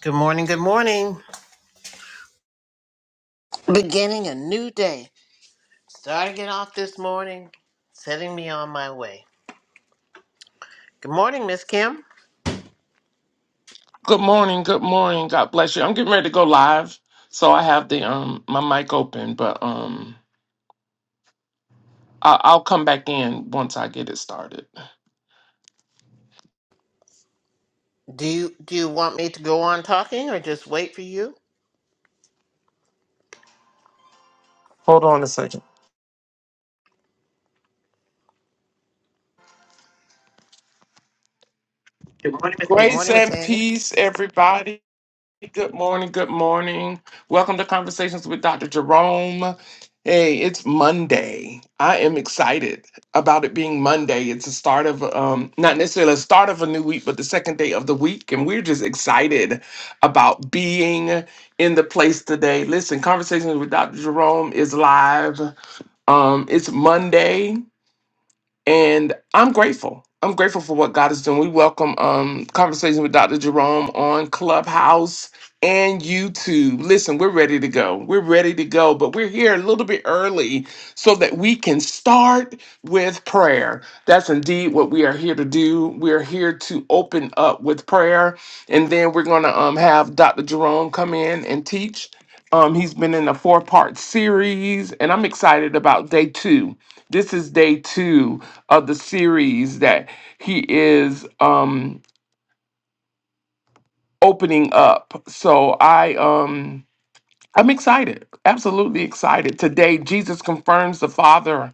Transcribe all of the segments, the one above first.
Good morning, good morning. Beginning a new day. Starting it off this morning, setting me on my way. Good morning, Miss Kim. Good morning. Good morning. God bless you. I'm getting ready to go live, so I have the um my mic open, but um I- I'll come back in once I get it started. Do you do you want me to go on talking or just wait for you? Good morning. Miss- Good Grace morning, Miss and Annie. peace, everybody. Good morning. Good morning. Welcome to Conversations with Dr. Jerome. Hey, it's Monday. I am excited about it being Monday. It's the start of um not necessarily the start of a new week, but the second day of the week and we're just excited about being in the place today. Listen, Conversations with Dr. Jerome is live. Um it's Monday and I'm grateful. I'm grateful for what God is doing. We welcome um conversation with Dr. Jerome on Clubhouse and YouTube. Listen, we're ready to go. We're ready to go, but we're here a little bit early so that we can start with prayer. That's indeed what we are here to do. We're here to open up with prayer, and then we're gonna um have Dr. Jerome come in and teach. Um, he's been in a four-part series, and I'm excited about day two. This is day two of the series that he is um opening up. So I um I'm excited. Absolutely excited. Today Jesus confirms the Father.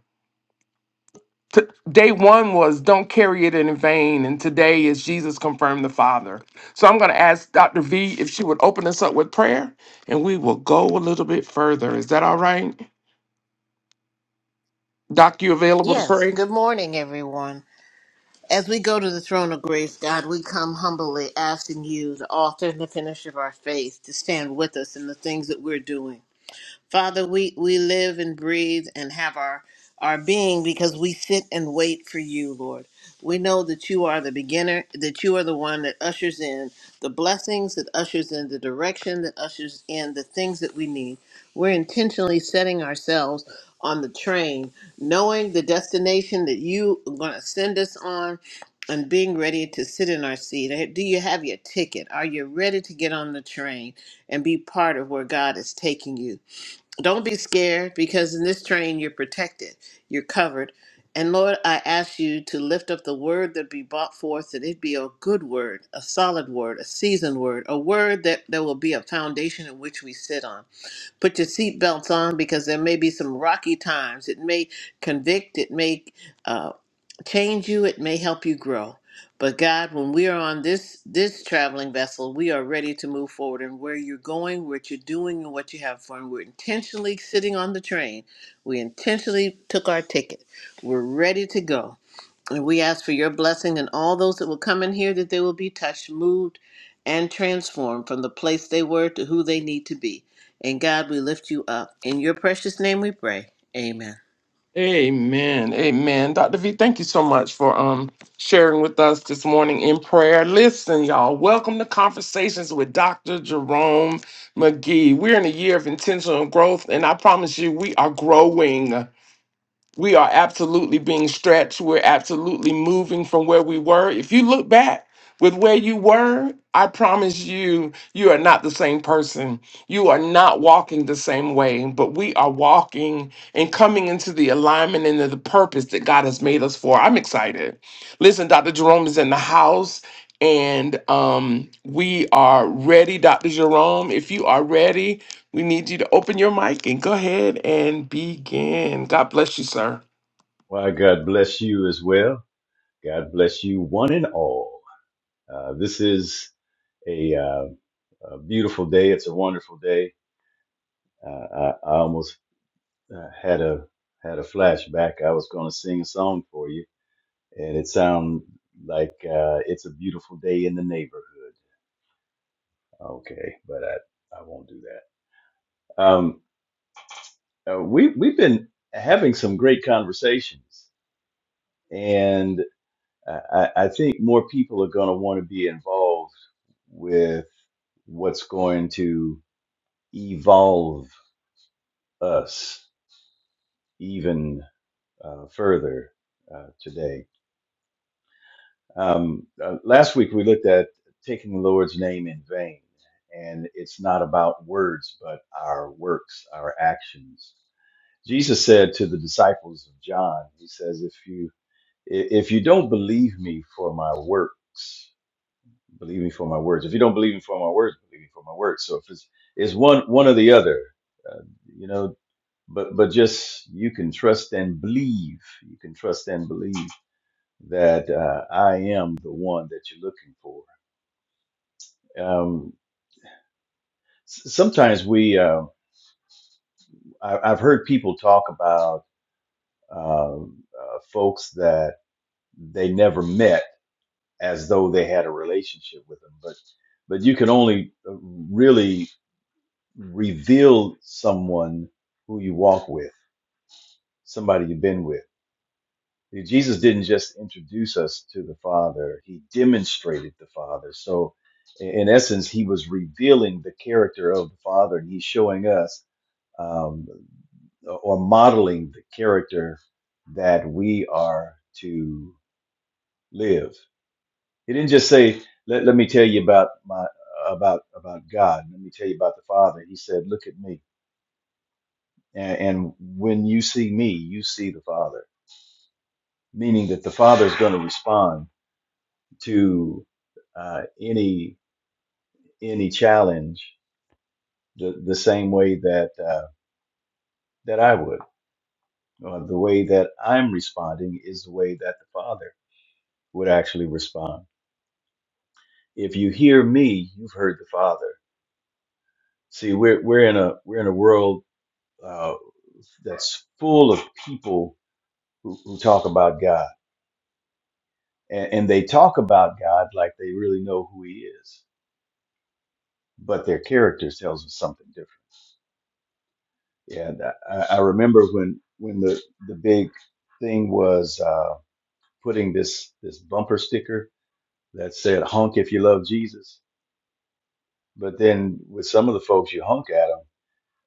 T- Day one was don't carry it in vain, and today is Jesus confirmed the Father. So I'm going to ask Dr. V if she would open us up with prayer, and we will go a little bit further. Is that all right? Doc, you available to Yes, pray? good morning, everyone. As we go to the throne of grace, God, we come humbly asking you, the author and the finisher of our faith, to stand with us in the things that we're doing Father, we, we live and breathe and have our, our being because we sit and wait for you, Lord. We know that you are the beginner, that you are the one that ushers in the blessings, that ushers in the direction, that ushers in the things that we need. We're intentionally setting ourselves on the train, knowing the destination that you are going to send us on and being ready to sit in our seat. Eh, Do you have your ticket? Are you ready to get on the train and be part of where God is taking you? Don't be scared because in this train you're protected, you're covered. And Lord, I ask you to lift up the word that be brought forth, that it be a good word, a solid word, a seasoned word, a word that there will be a foundation in which we sit on. Put your seatbelts on because there may be some rocky times. It may convict, it may uh, change you it may help you grow but god when we are on this this traveling vessel we are ready to move forward and where you're going what you're doing and what you have for, and we're intentionally sitting on the train we intentionally took our ticket we're ready to go and we ask for your blessing and all those that will come in here that they will be touched moved and transformed from the place they were to who they need to be and god we lift you up in your precious name we pray amen Amen. Amen. Dr. V, thank you so much for um sharing with us this morning in prayer. Listen, y'all, welcome to Conversations with Dr. Jerome McGee. We're in a year of intentional growth, and I promise you, we are growing. We are absolutely being stretched. We're absolutely moving from where we were. If you look back with where you were, I promise you, you are not the same person. You are not walking the same way, but we are walking and coming into the alignment and the purpose that God has made us for. I'm excited. Listen, Dr. Jerome is in the house. And um, we are ready, Dr. Jerome. If you are ready, we need you to open your mic and go ahead and begin. God bless you, sir. Why, God bless you as well. God bless you, one and all. Uh, this is a, uh, a beautiful day. It's a wonderful day. Uh, I, I almost uh, had a had a flashback. I was going to sing a song for you, and it sounded like uh, it's a beautiful day in the neighborhood. Okay, but I, I won't do that. Um, uh, we we've been having some great conversations, I, I think more people are going to want to be involved with what's going to evolve us even uh, further uh, today. Um, uh, last week we looked at taking the Lord's name in vain, and it's not about words, but our works, our actions. Jesus said to the disciples of John, He says, "If you if you don't believe me for my works." Believe me for my words. If you don't believe me for my words, believe me for my words. So if it's it's one one or the other, uh, you know. But but just you can trust and believe. You can trust and believe that uh, I am the one that you're looking for. Um, s- sometimes we uh, I, I've heard people talk about um uh, folks that they never met as though they had a relationship with them, but but you can only uh, really revealed someone who you walk with, somebody you've been with. Jesus didn't just introduce us to the Father, he demonstrated the Father. So, in essence, he was revealing the character of the Father, and he's showing us um, or modeling the character that we are to live. He didn't just say, let, let me tell you about my about about God. Let me tell you about the Father. He said, look at me. And, and when you see me, you see the Father, meaning that the Father is going to respond to uh, any any challenge the, the same way that uh, that I would. Uh, the way that I'm responding is the way that the Father would actually respond. If you hear me, you've heard the Father. See, we're we're in a we're in a world uh, that's full of people who, who talk about God, and, and they talk about God like they really know who He is but their character tells us something different. Yeah, and I, I remember when when the the big thing was uh, putting this this bumper sticker that said "Honk if you love Jesus," but then with some of the folks you honk at them,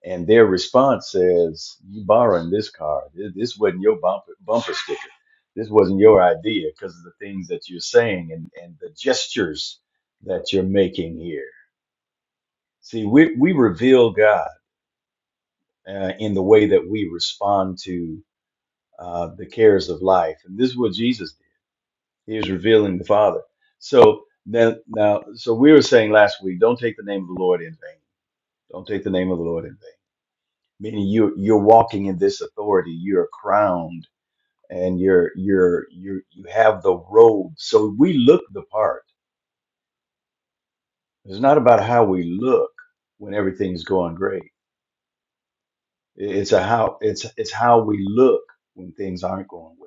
and their response says, "You borrowing this car? Th- This wasn't your bumper bumper sticker. This wasn't your idea because of the things that you're saying and and the gestures that you're making here." See, we we reveal God uh, in the way that we respond to uh, the cares of life. And this is what Jesus did. He was revealing the Father. So then, now, so we were saying last week, don't take the name of the Lord in vain. Don't take the name of the Lord in vain. Meaning you you're walking in this authority. You're crowned, and you're you're you you have the robe. So we look the part. It's not about how we look when everything's going great. It's a how it's it's how we look when things aren't going well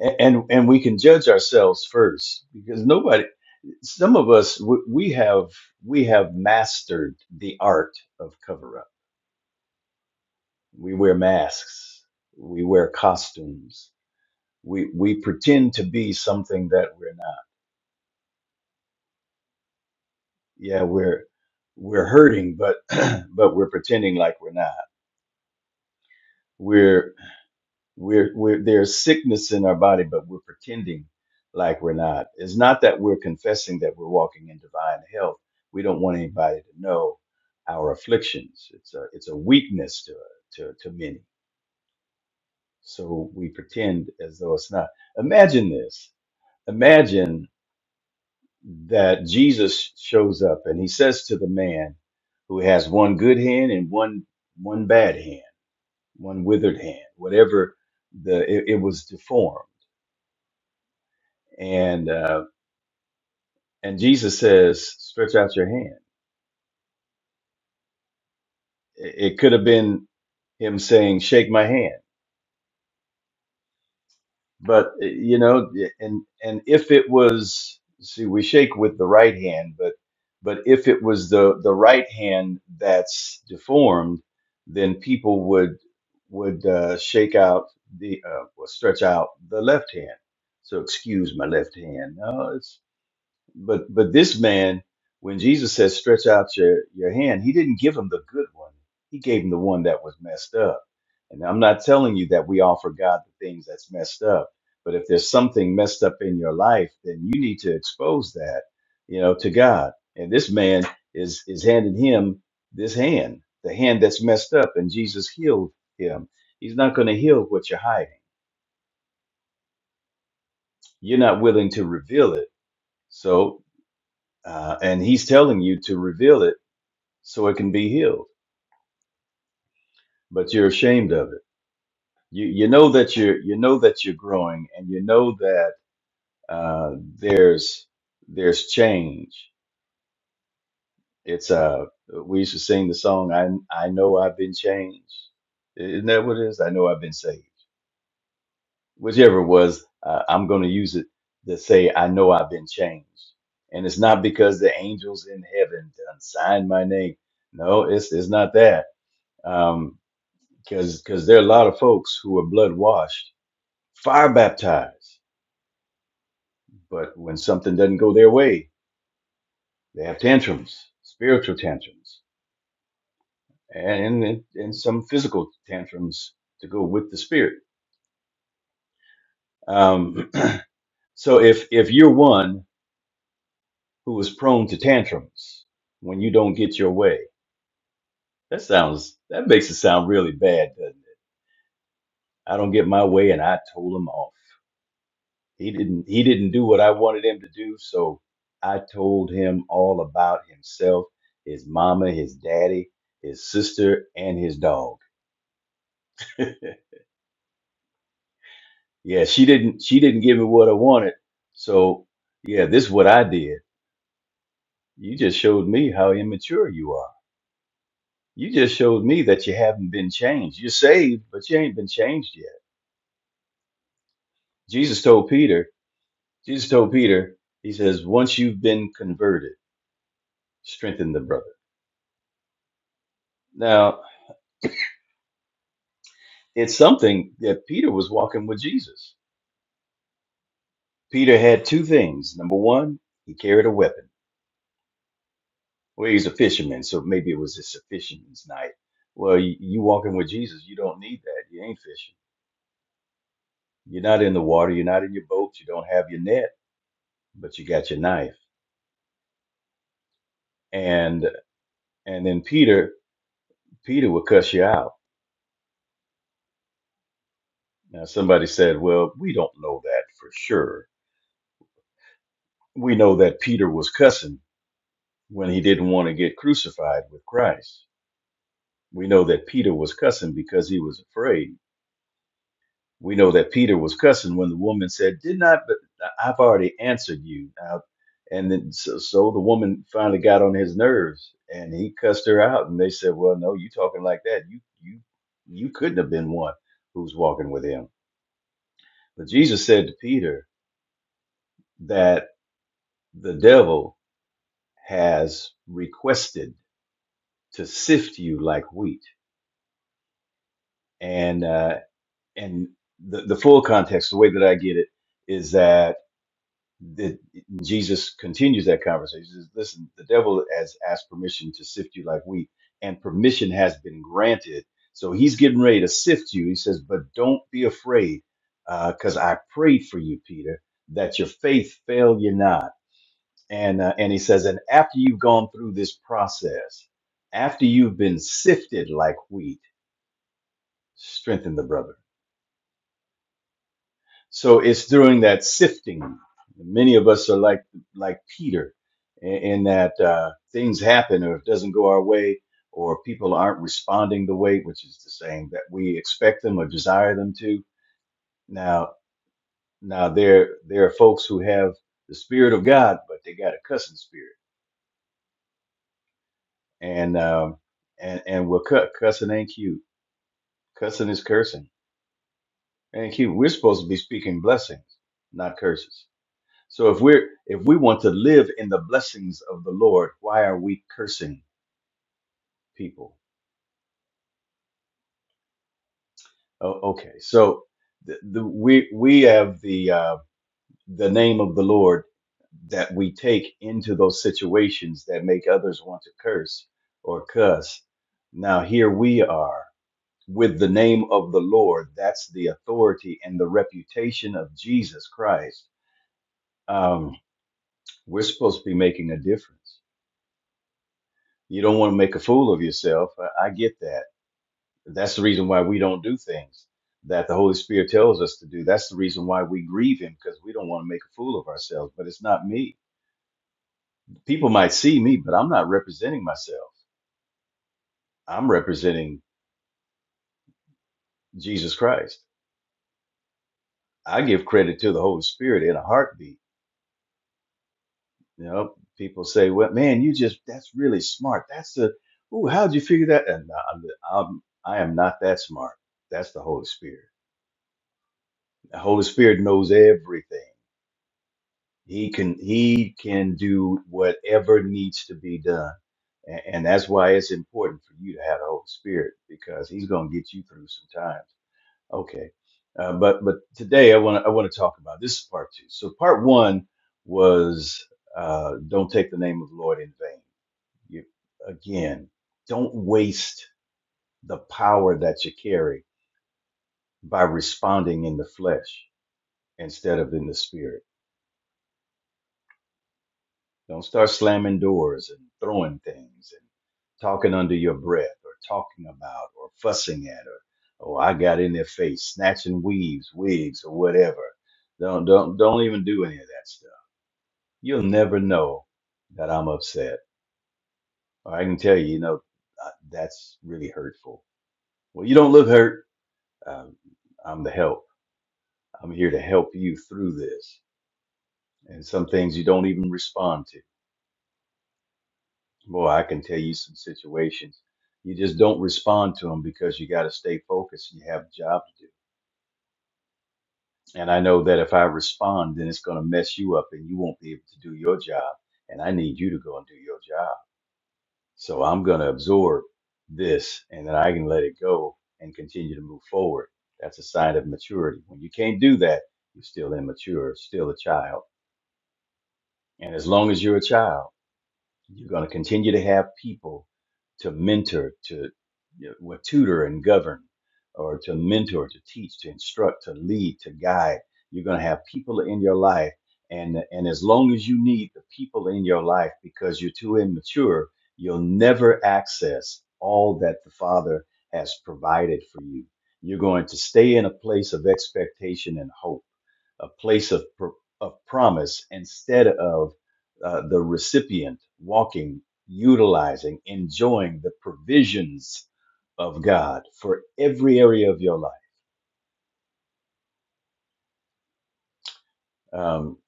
A- and and we can judge ourselves first because nobody some of us we we have we have mastered the art of cover up we wear masks we wear costumes we we pretend to be something that we're not yeah we're we're hurting but but we're pretending like we're not we're we're there's sickness in our body, but we're pretending like we're not. It's not that we're confessing that we're walking in divine health. We don't want anybody to know our afflictions. It's a it's a weakness to to to many. So we pretend as though it's not. Imagine this. Imagine that Jesus shows up and he says to the man who has one good hand and one one bad hand, one withered hand, whatever the it, it was deformed and uh, and Jesus says, "Stretch out your hand." It, it could have been him saying, "Shake my hand," but uh, you know, and and if it was, see, we shake with the right hand, but but if it was the the right hand that's deformed, then people would would uh, shake out the uh, well, stretch out the left hand. So excuse my left hand. No, it's. But but this man, when Jesus says stretch out your, your hand, he didn't give him the good one. He gave him the one that was messed up. And I'm not telling you that we offer God the things that's messed up. But if there's something messed up in your life, then you need to expose that, you know, to God. And this man is is handing him this hand, the hand that's messed up, and Jesus healed him. He's not going to heal what you're hiding. You're not willing to reveal it. So uh, and he's telling you to reveal it so it can be healed but you're ashamed of it you you know that you're you know that you're growing and you know that uh there's there's change it's uh we used to sing the song i i know i've been changed isn't that what it is i know i've been saved whichever it was uh, i'm going to use it to say i know i've been changed and it's not because the angels in heaven done signed my name no it's it's not that um because because there are a lot of folks who are blood washed fire baptized. But when something doesn't go their way, they have tantrums, spiritual tantrums, and and, and some physical tantrums to go with the spirit. Um, so if if you're one who is prone to tantrums when you don't get your way, that sounds that makes it sound really bad, doesn't it? I don't get my way, and I told them off. he didn't he didn't do what I wanted him to do, so I told him all about himself, his mama, his daddy, his sister, and his dog. yeah, she didn't she didn't give me what I wanted. So yeah, this is what I did. You just showed me how immature you are. You just showed me that you haven't been changed. You're saved, but you ain't been changed yet. Jesus told Peter, Jesus told Peter, he says, once you've been converted, strengthen the brother. Now. it's something that Peter was walking with Jesus. Peter had two things. Number one, he carried a weapon. Well, he's a fisherman, so maybe it was just a fisherman's night. Well, you, you walking with Jesus, you don't need that. You ain't fishing. You're not in the water. You're not in your boat. You don't have your net, but you got your knife. And and then Peter, Peter would cuss you out. Now somebody said, "Well, we don't know that for sure. We know that Peter was cussing when he didn't want to get crucified with Christ." We know that Peter was cussing because he was afraid. We know that Peter was cussing when the woman said, "Did not, but I've already answered you." Now, and then so, so the woman finally got on his nerves, and he cussed her out. And they said, "Well, no, you talking like that? You you you couldn't have been one who's walking with him." But Jesus said to Peter that the devil has requested to sift you like wheat, And uh, and the, the full context, the way that I get it, is that the, Jesus continues that conversation. He says, Listen, the devil has asked permission to sift you like wheat, and permission has been granted. So he's getting ready to sift you. He says, But don't be afraid, because I prayed for you, Peter, that your faith fail you not. And, uh, and he says, And after you've gone through this process, after you've been sifted like wheat, strengthen the brother So it's during that sifting. Many of us are like like Peter, in, in that uh, things happen, or it doesn't go our way, or people aren't responding the way which is the same that we expect them or desire them to. Now, now there there are folks who have the spirit of God, but they got a cussing spirit, and um, and and we're cut cussing ain't cute. Cussing is cursing, ain't cute. We're supposed to be speaking blessings, not curses So if we're if we want to live in the blessings of the Lord, why are we cursing people? Oh, okay, so the, the, we we have the uh, the name of the Lord that we take into those situations that make others want to curse or cuss. Now here we are with the name of the Lord. That's the authority and the reputation of Jesus Christ. Um, we're supposed to be making a difference. You don't want to make a fool of yourself. I, I get that That's the reason why we don't do things that the Holy Spirit tells us to do. That's the reason why we grieve Him because we don't want to make a fool of ourselves. But it's not me. People might see me, but I'm not representing myself. I'm representing Jesus Christ. I give credit to the Holy Spirit in a heartbeat. You know, people say, "Well, man, you just—that's really smart. That's the ooh, how'd you figure that?" And I'm, I'm, I am not that smart. That's the Holy Spirit. The Holy Spirit knows everything. He can he can do whatever needs to be done. And, and that's why it's important for you to have the Holy Spirit because he's going to get you through some times. Okay. Uh, but but today I want to I want to talk about this is part two. So part one was uh, don't take the name of the Lord in vain. You, again, don't waste the power that you carry by responding in the flesh instead of in the spirit Don't start slamming doors and throwing things and talking under your breath or talking about or fussing at or oh I got in their face, snatching weaves, wigs or whatever. Don't don't don't even do any of that stuff. You'll never know that I'm upset. Or I can tell you, you know, uh, that's really hurtful. Well, you don't look hurt. Um, I'm the help. I'm here to help you through this. And some things you don't even respond to Boy, I can tell you some situations. You just don't respond to them because you got to stay focused and you have a job to do. And I know that if I respond, then it's going to mess you up and you won't be able to do your job. And I need you to go and do your job. So I'm going to absorb this and then I can let it go and continue to move forward. That's a sign of maturity. When you can't do that, you're still immature, still a child. And as long as you're a child, You're going to continue to have people to mentor, to you know, well, tutor and govern, or to mentor, to teach, to instruct, to lead, to guide. You're going to have people in your life, and and as long as you need the people in your life because you're too immature, you'll never access all that the Father has provided for you. You're going to stay in a place of expectation and hope a place of, pr- of promise instead of uh, the recipient walking, utilizing, enjoying the provisions of God for every area of your life. Um,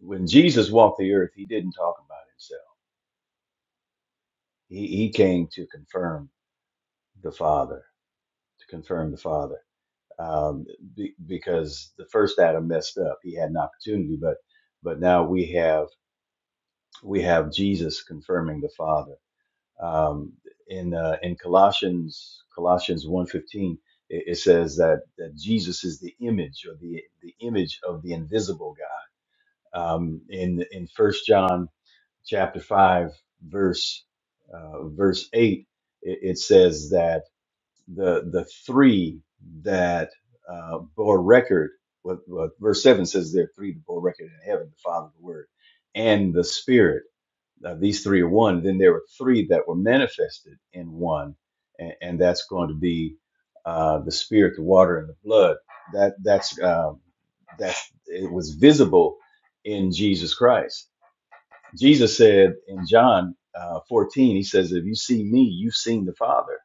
when Jesus walked the earth, he didn't talk about himself. He, he came to confirm the Father, to confirm the Father, um, be, because the first Adam messed up. He had an opportunity, but but now we have we have Jesus confirming the Father um, in uh, in Colossians Colossians 1:15 it, it says that, that Jesus is the image or the the image of the invisible God. Um, in in First John chapter five verse uh, verse eight it, it says that the the three that uh, bore record what, what verse seven says there are three that bore record in heaven the Father the Word and the Spirit uh, these three are one, then there were three that were manifested in one, and, and that's going to be uh, the spirit, the water, and the blood. That that's um, that it was visible in Jesus Christ. Jesus said in John uh, 14, he says, "If you see me, you've seen the Father.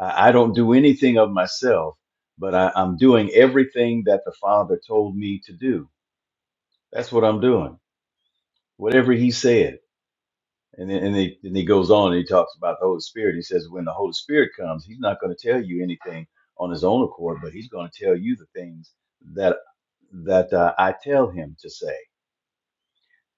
I, I don't do anything of myself, but I, I'm doing everything that the Father told me to do. That's what I'm doing. Whatever He said." And then, and, he, and he goes on and he talks about the Holy Spirit. He says, when the Holy Spirit comes, he's not going to tell you anything on his own accord, but he's going to tell you the things that that uh, I tell him to say.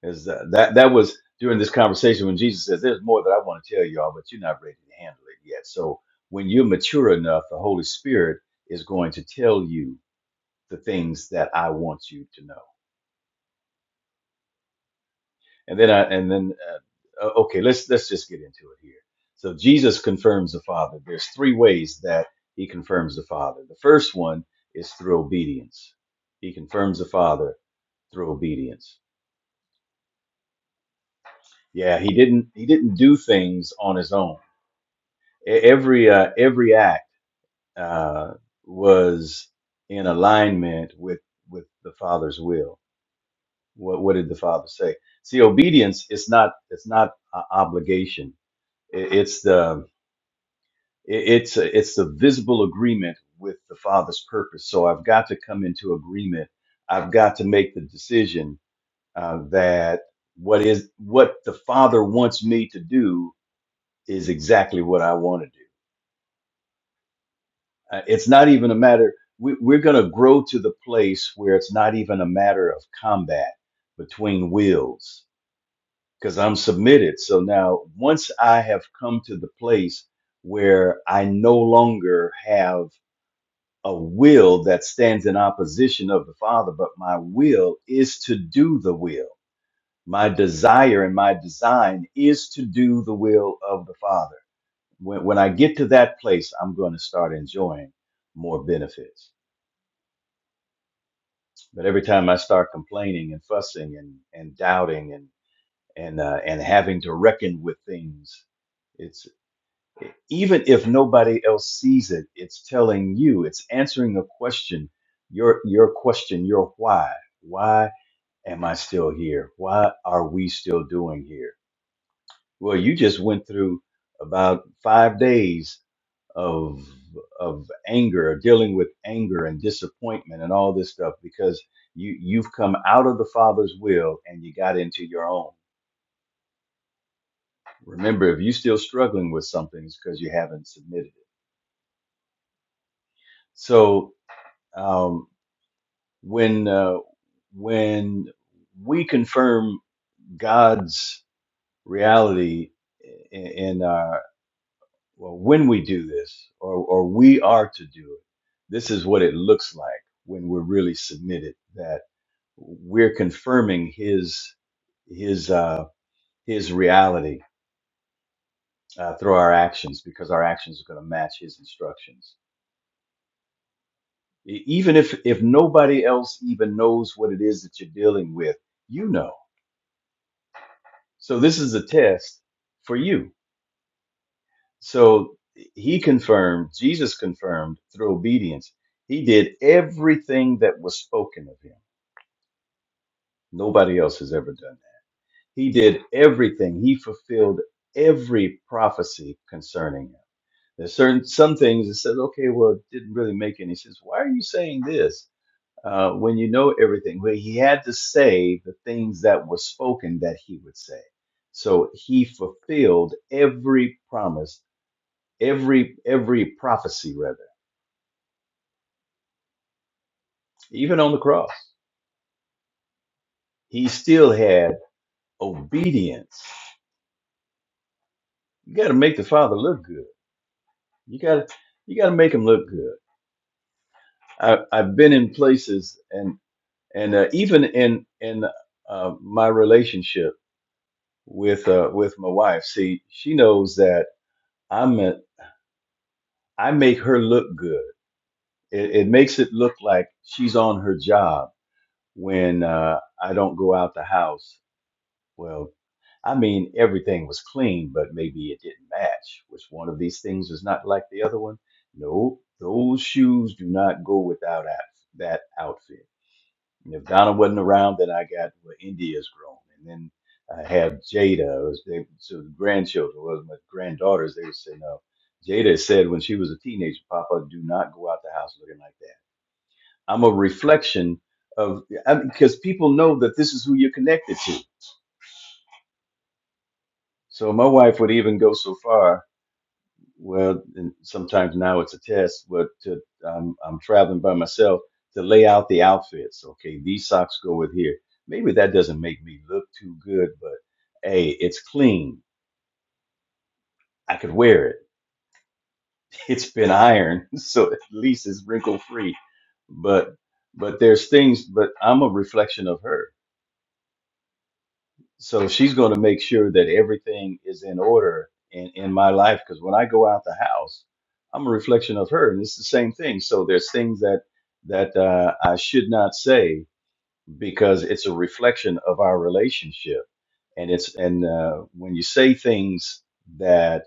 Is uh, that that was during this conversation when Jesus says, "There's more that I want to tell y'all, but you're not ready to handle it yet." So when you're mature enough, the Holy Spirit is going to tell you the things that I want you to know. and then I and then uh, okay, let's let's just get into it here. So Jesus confirms the Father. There's three ways that he confirms the Father. The first one is through obedience. He confirms the Father through obedience. Yeah, he didn't he didn't do things on his own. E- Every uh, every act uh, was in alignment with with the Father's will. What what did the Father say? See, obedience is not it's not a obligation. I- It's the It- It's a, it's a visible agreement with the Father's purpose. So I've got to come into agreement. I've got to make the decision uh, that what is what the Father wants me to do is exactly what I want to do. Uh, it's not even a matter. We, we're going to grow to the place where it's not even a matter of combat between wills because I'm submitted. So now, once I have come to the place where I no longer have a will that stands in opposition of the Father, but my will is to do the will. My desire and my design is to do the will of the Father. When, when I get to that place, I'm going to start enjoying more benefits. But every time I start complaining and fussing and, and doubting and and uh, and having to reckon with things, it's even if nobody else sees it, it's telling you, it's answering a question, your your question, your why. Why am I still here? Why are we still doing here? Well, you just went through about five days of of anger, or dealing with anger and disappointment and all this stuff because you you've come out of the Father's will and you got into your own. Remember, if you're still struggling with something, it's because you haven't submitted it. So. Um, when uh, when we confirm God's reality in, in our well, when we do this, or or we are to do it, this is what it looks like when we're really submitted. That we're confirming His His uh, His reality uh, through our actions, because our actions are going to match His instructions. E- Even if if nobody else even knows what it is that you're dealing with, you know So this is a test for you. So he confirmed, Jesus confirmed through obedience. He did everything that was spoken of him. Nobody else has ever done that. He did everything. He fulfilled every prophecy concerning him. There's certain some things that says, okay, well, it didn't really make any sense. Why are you saying this uh, when you know everything? Well, he had to say the things that were spoken that he would say. So he fulfilled every promise every every prophecy rather even on the cross he still had obedience you got to make the father look good you got to you got to make him look good I, i've been in places and and uh, even in in uh, my relationship with uh, with my wife see she knows that i'm a, i make her look good it, it makes it look like she's on her job when uh, i don't go out the house Well, I mean, everything was clean, but maybe it didn't match. Which one of these things was not like the other one? No, those shoes do not go without that, that outfit. And if Donna wasn't around, then I got well, India's grown, and then I have Jada. It was they, so the grandchildren, well, my granddaughters, they would say no. Jada said when she was a teenager, Papa, do not go out the house looking like that. I'm a reflection of because people know that this is who you're connected to So my wife would even go so far. Well, and sometimes now it's a test, but to, um, I'm traveling by myself to lay out the outfits. Okay, these socks go with here. Maybe that doesn't make me look too good, but hey, it's clean. I could wear it. It's been ironed, so at least it's wrinkle free. But but there's things. But I'm a reflection of her so she's going to make sure that everything is in order in, in my life because when i go out the house i'm a reflection of her and it's the same thing so there's things that that uh, i should not say because it's a reflection of our relationship and it's and uh, when you say things that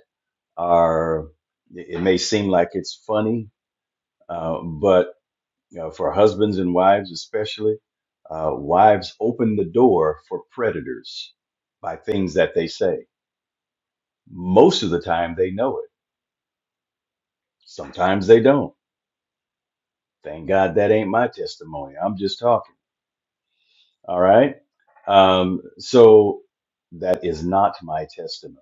are it it may seem like it's funny uh, but you know, for husbands and wives especially uh, wives open the door for predators by things that they say most of the time they know it. Sometimes they don't. Thank God that ain't my testimony. I'm just talking. All right. Um, so that is not my testimony.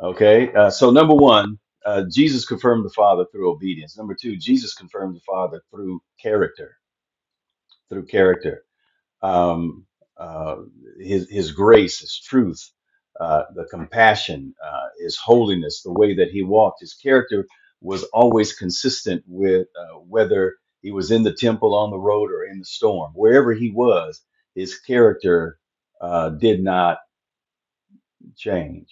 Okay. Uh, so, number one, uh, Jesus confirmed the Father through obedience. Number two, Jesus confirmed the Father through character. Through character. um, uh, his his grace, his truth, uh, the compassion, uh, his holiness, the way that he walked, his character was always consistent with uh, whether he was in the temple, on the road, or in the storm. Wherever he was, his character uh, did not change.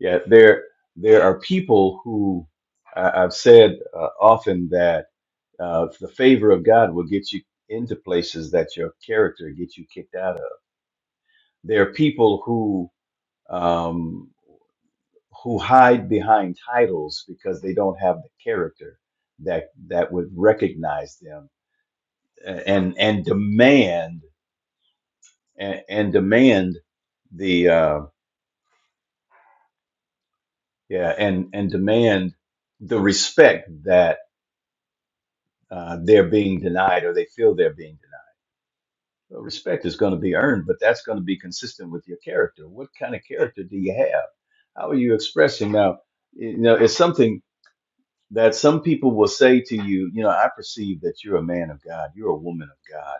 Yeah, there there are people who I, I've said uh, often that uh, the favor of God will get you into places that your character gets you kicked out of. There are people who um, who hide behind titles because they don't have the character that that would recognize them and and demand and, and demand the uh, yeah and and demand the respect that uh, they're being denied or they feel they're being denied. Well, respect is going to be earned, but that's going to be consistent with your character. What kind of character do you have? How are you expressing now? You know, it's something. that some people will say to you, you know, I perceive that you're a man of God, you're a woman of God.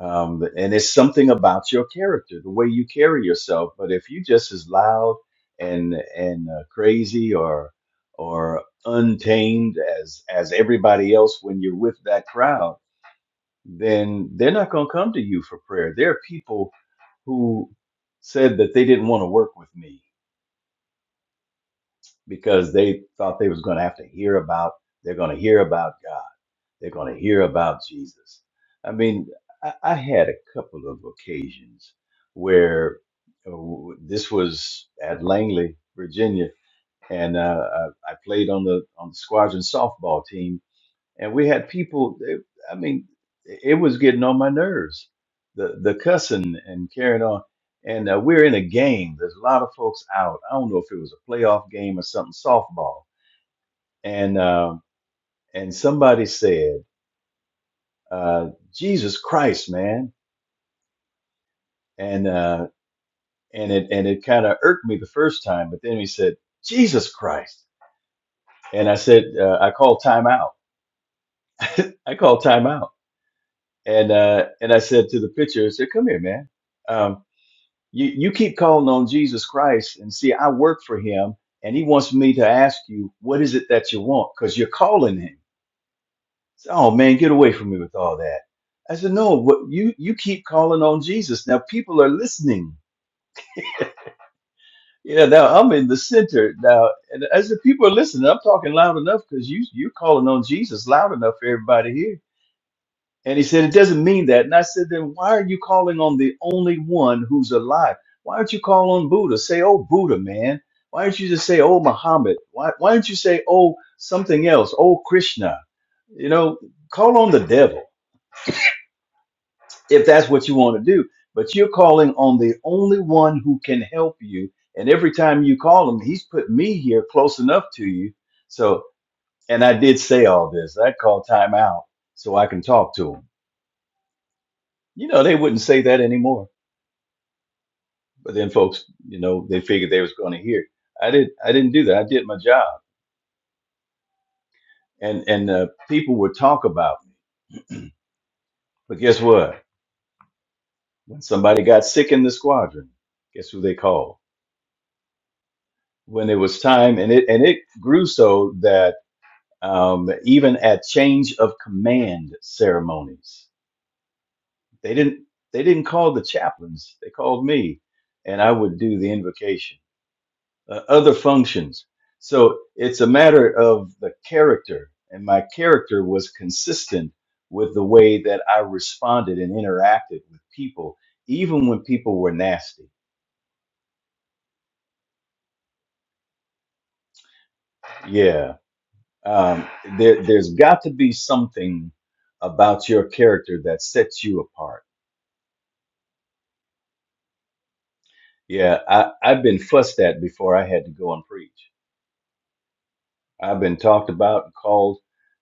Um, and it's something about your character, the way you carry yourself. But if you are just as loud and and uh, crazy or or untamed as as everybody else when you're with that crowd, then they're not going to come to you for prayer. There are people who said that they didn't want to work with me because they thought they was going to have to hear about they're going to hear about God They're going to hear about Jesus. I mean, I, I had a couple of occasions where uh, w- this was at Langley, Virginia, and uh, I, I played on the on the squadron softball team, and we had people. They, I mean, it was getting on my nerves, the the cussing and carrying on. And uh, we're in a game. There's a lot of folks out. I don't know if it was a playoff game or something softball, and uh, and somebody said uh, Jesus Christ, man. And uh, and it and it kind of irked me the first time, but then he said, Jesus Christ, and I said, uh, I called timeout. I called timeout, and uh, and I said to the pitcher, I said, Come here, man. Um, you you keep calling on Jesus Christ, and see, I work for him, and he wants me to ask you, what is it that you want? Because you're calling him. He said, oh man, get away from me with all that. I said, no, what you you keep calling on Jesus. Now people are listening Yeah, now I'm in the center now, and as the people are listening, I'm talking loud enough because you you're calling on Jesus loud enough for everybody here. And he said, "It doesn't mean that." And I said, "Then why are you calling on the only one who's alive? Why don't you call on Buddha? Say, oh Buddha, man. Why don't you just say, oh Muhammad? Why why don't you say, oh something else? Oh Krishna? You know, call on the devil." if that's what you want to do. But you're calling on the only one who can help you. And every time you call him, he's put me here close enough to you. So, and I did say all this. I called time out so I can talk to him. You know, they wouldn't say that anymore. But then folks, you know, they figured they was going to hear. I did. I didn't do that. I did my job. And and uh, people would talk about me. But guess what? When somebody got sick in the squadron, guess who they called? When it was time, and it and it grew so that um, even at change of command ceremonies. They didn't they didn't call the chaplains. They called me, and I would do the invocation. Uh, other functions. So it's a matter of the character, and my character was consistent with the way that I responded and interacted with people, even when people were nasty. Yeah, um, there, there's got to be something about your character that sets you apart Yeah, I, I've been fussed at before I had to go and preach. I've been talked about and called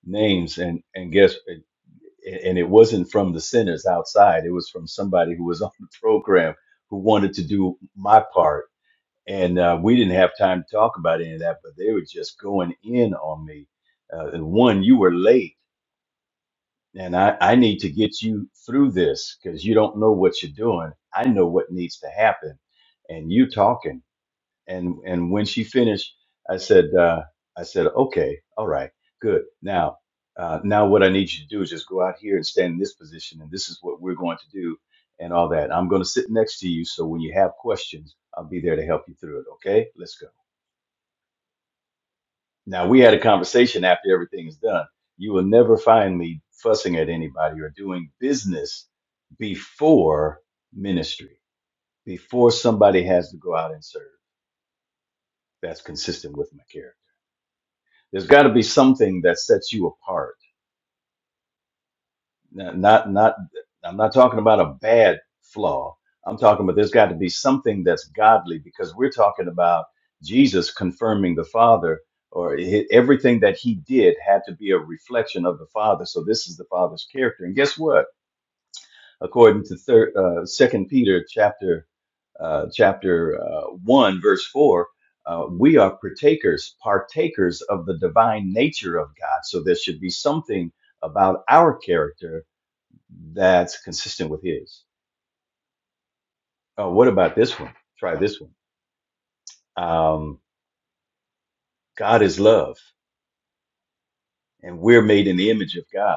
names, and and guess, and it wasn't from the sinners outside. It was from somebody who was on the program who wanted to do my part, and uh, we didn't have time to talk about any of that. But they were just going in on me. Uh, and one, you were late, and I I need to get you through this because you don't know what you're doing. I know what needs to happen, and you talking. and and when she finished, I said, uh, I said, okay, all right, good. Now, uh, now what I need you to do is just go out here and stand in this position, and this is what we're going to do, and all that. I'm going to sit next to you, so when you have questions, I'll be there to help you through it. Okay, let's go. Now we had a conversation after everything is done. You will never find me fussing at anybody or doing business before ministry, before somebody has to go out and serve. That's consistent with my character. There's got to be something that sets you apart. N- Not, not, I'm not talking about a bad flaw. I'm talking about there's got to be something that's godly because we're talking about Jesus confirming the Father, or hi- everything that he did had to be a reflection of the Father. So this is the Father's character. And guess what? According to third, uh, Second Peter chapter uh, chapter uh, 1, verse 4, uh, we are partakers, partakers of the divine nature of God. So there should be something about our character that's consistent with His. Oh, what about this one? Try this one. Um, God is love, and we're made in the image of God.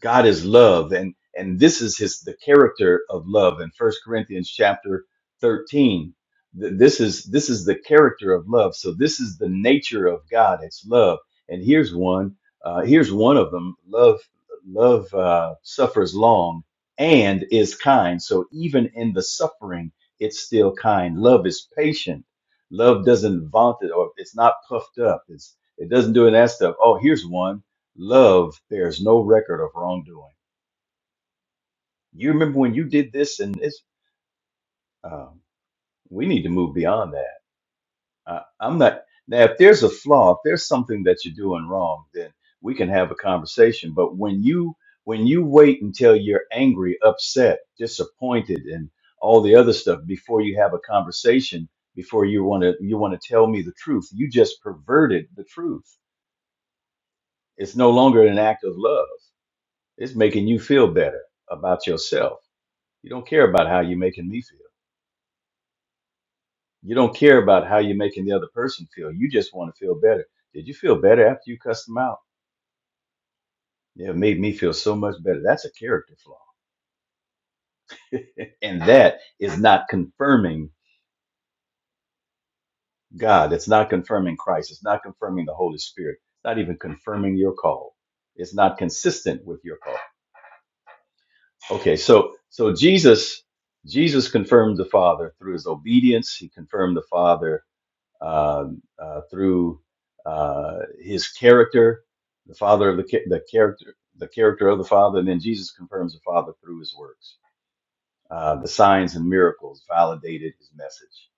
God is love, and and this is his the character of love in First Corinthians chapter thirteen. th- This is this is the character of love. So this is the nature of God. It's love, and here's one. Uh, here's one of them. Love love uh, suffers long and is kind. So even in the suffering, it's still kind. Love is patient. Love doesn't vaunt it, or it's not puffed up. It's it doesn't do that stuff. Oh, here's one Love, there's no record of wrongdoing. You remember when you did this, and it's, um, we need to move beyond that. I, I'm not, now, if there's a flaw, if there's something that you're doing wrong, then we can have a conversation. But when you, when you wait until you're angry, upset, disappointed, and all the other stuff before you have a conversation, before you want to, you want to tell me the truth, you just perverted the truth. It's no longer an act of love. It's making you feel better about yourself You don't care about how you're making me feel. You don't care about how you're making the other person feel. You just want to feel better. Did you feel better after you cussed them out? Yeah, it made me feel so much better. That's a character flaw. And that is not confirming God. It's not confirming Christ. It's not confirming the Holy Spirit. It's not even confirming your call. It's not consistent with your call. Okay, so so Jesus Jesus confirmed the Father through his obedience. He confirmed the Father um, uh, through uh, his character, the Father of the, cha- the character, the character of the Father, and then Jesus confirms the Father through his works. Uh, the signs and miracles validated his message.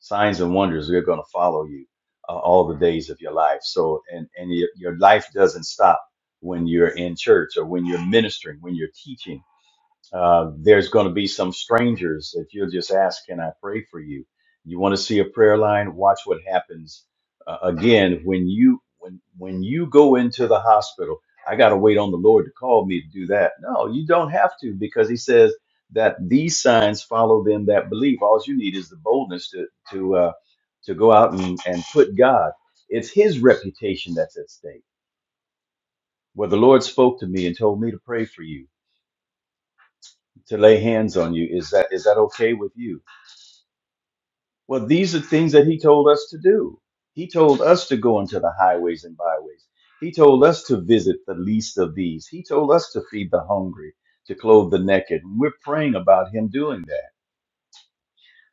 Signs and wonders are going to follow you uh, all the days of your life. So, and and your, your life doesn't stop when you're in church or when you're ministering, when you're teaching uh, there's going to be some strangers that you'll just ask, Can I pray for you? You want to see a prayer line? Watch what happens. Uh, again, when you when when you go into the hospital, I got to wait on the Lord to call me to do that. No, you don't have to because He says that these signs follow them that believe. All you need is the boldness to to uh, to go out and, and put God. It's His reputation that's at stake. Well, the Lord spoke to me and told me to pray for you to lay hands on you. Is that is that okay with you? Well, these are things that he told us to do. He told us to go into the highways and byways. He told us to visit the least of these. He told us to feed the hungry, to clothe the naked. We're praying about him doing that.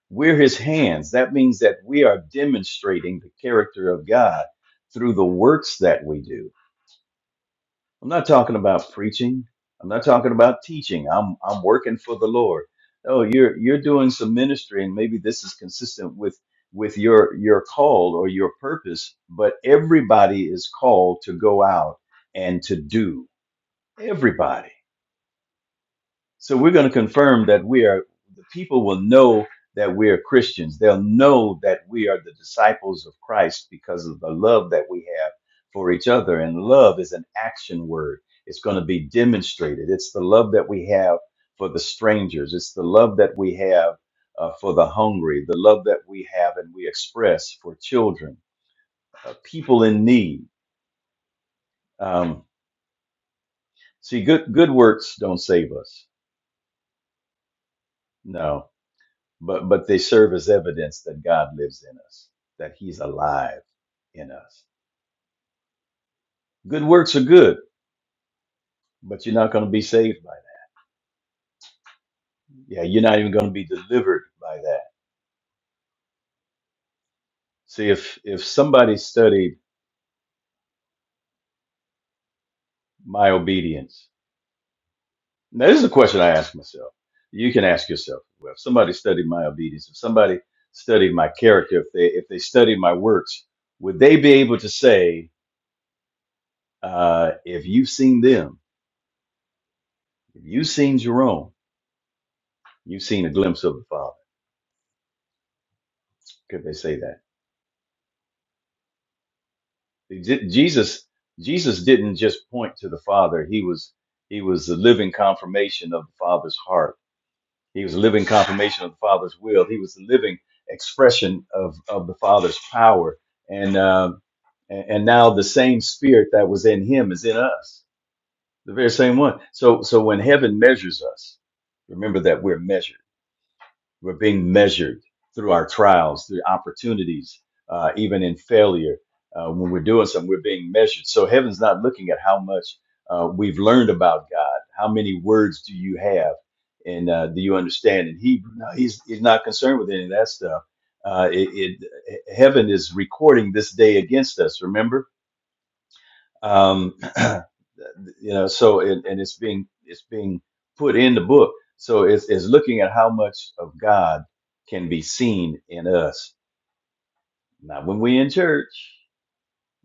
We're his hands. That means that we are demonstrating the character of God through the works that we do. I'm not talking about preaching. I'm not talking about teaching. I'm I'm working for the Lord. Oh, you're you're doing some ministry and maybe this is consistent with with your your call or your purpose, but everybody is called to go out and to do. Everybody. So we're going to confirm that we are, the people will know that we are Christians. They'll know that we are the disciples of Christ because of the love that we have for each other. And love is an action word, it's going to be demonstrated. It's the love that we have for the strangers, it's the love that we have uh, for the hungry, the love that we have and we express for children, uh, people in need. Um, see, good, good works don't save us. No but but they serve as evidence that God lives in us, that He's alive in us. Good works are good, but you're not going to be saved by that. Yeah, you're not even going to be delivered by that. See, if if somebody studied my obedience, now this is a question I ask myself. You can ask yourself, well, if somebody studied my obedience, if somebody studied my character, if they if they studied my works, would they be able to say, uh, if you've seen them, if you've seen Jerome, you've seen a glimpse of the Father? could they say that Je- jesus jesus didn't just point to the father he was he was the living confirmation of the father's heart he was a living confirmation of the father's will he was the living expression of of the father's power and um and, and now the same spirit that was in him is in us the very same one so so when heaven measures us remember that we're measured We're being measured through our trials, through opportunities, uh, even in failure. Uh, when we're doing something, we're being measured. So heaven's not looking at how much uh, we've learned about God. How many words do you have, and uh, do you understand? And he, no, he's he's not concerned with any of that stuff. Uh, it, it heaven is recording this day against us. Remember um, you know so and, and it's being it's being put in the book so it's, it's looking at how much of god can be seen in us not when we're in church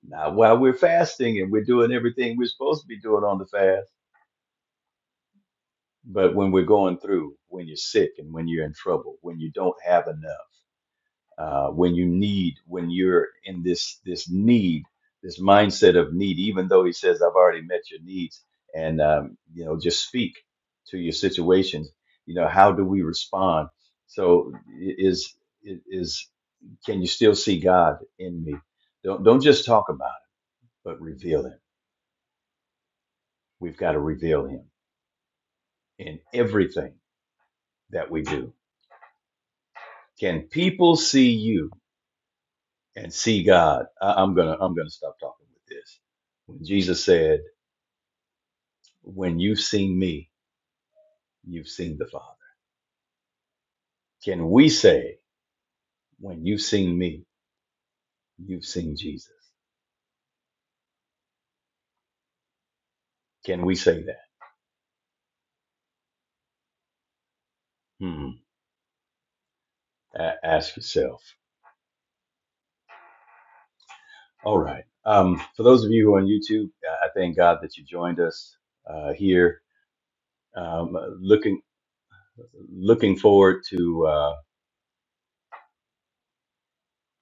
not while we're fasting and we're doing everything we're supposed to be doing on the fast but when we're going through when you're sick and when you're in trouble when you don't have enough uh, when you need, when you're in this this need, this mindset of need. Even though he says, "I've already met your needs," and um, you know, just speak to your situations. You know, how do we respond? So is is can you still see God in me? Don't don't just talk about it, but reveal Him. We've got to reveal Him in everything that we do. Can people see you and see God? I, I'm gonna I'm gonna stop talking with this. When Jesus said. when you've seen me, you've seen the Father? Can we say, when you've seen me, you've seen Jesus? Can we say that? Hmm. A- ask yourself. All right. Um, for those of you who are on YouTube, uh, I thank God that you joined us uh, here. Um, looking looking forward to uh,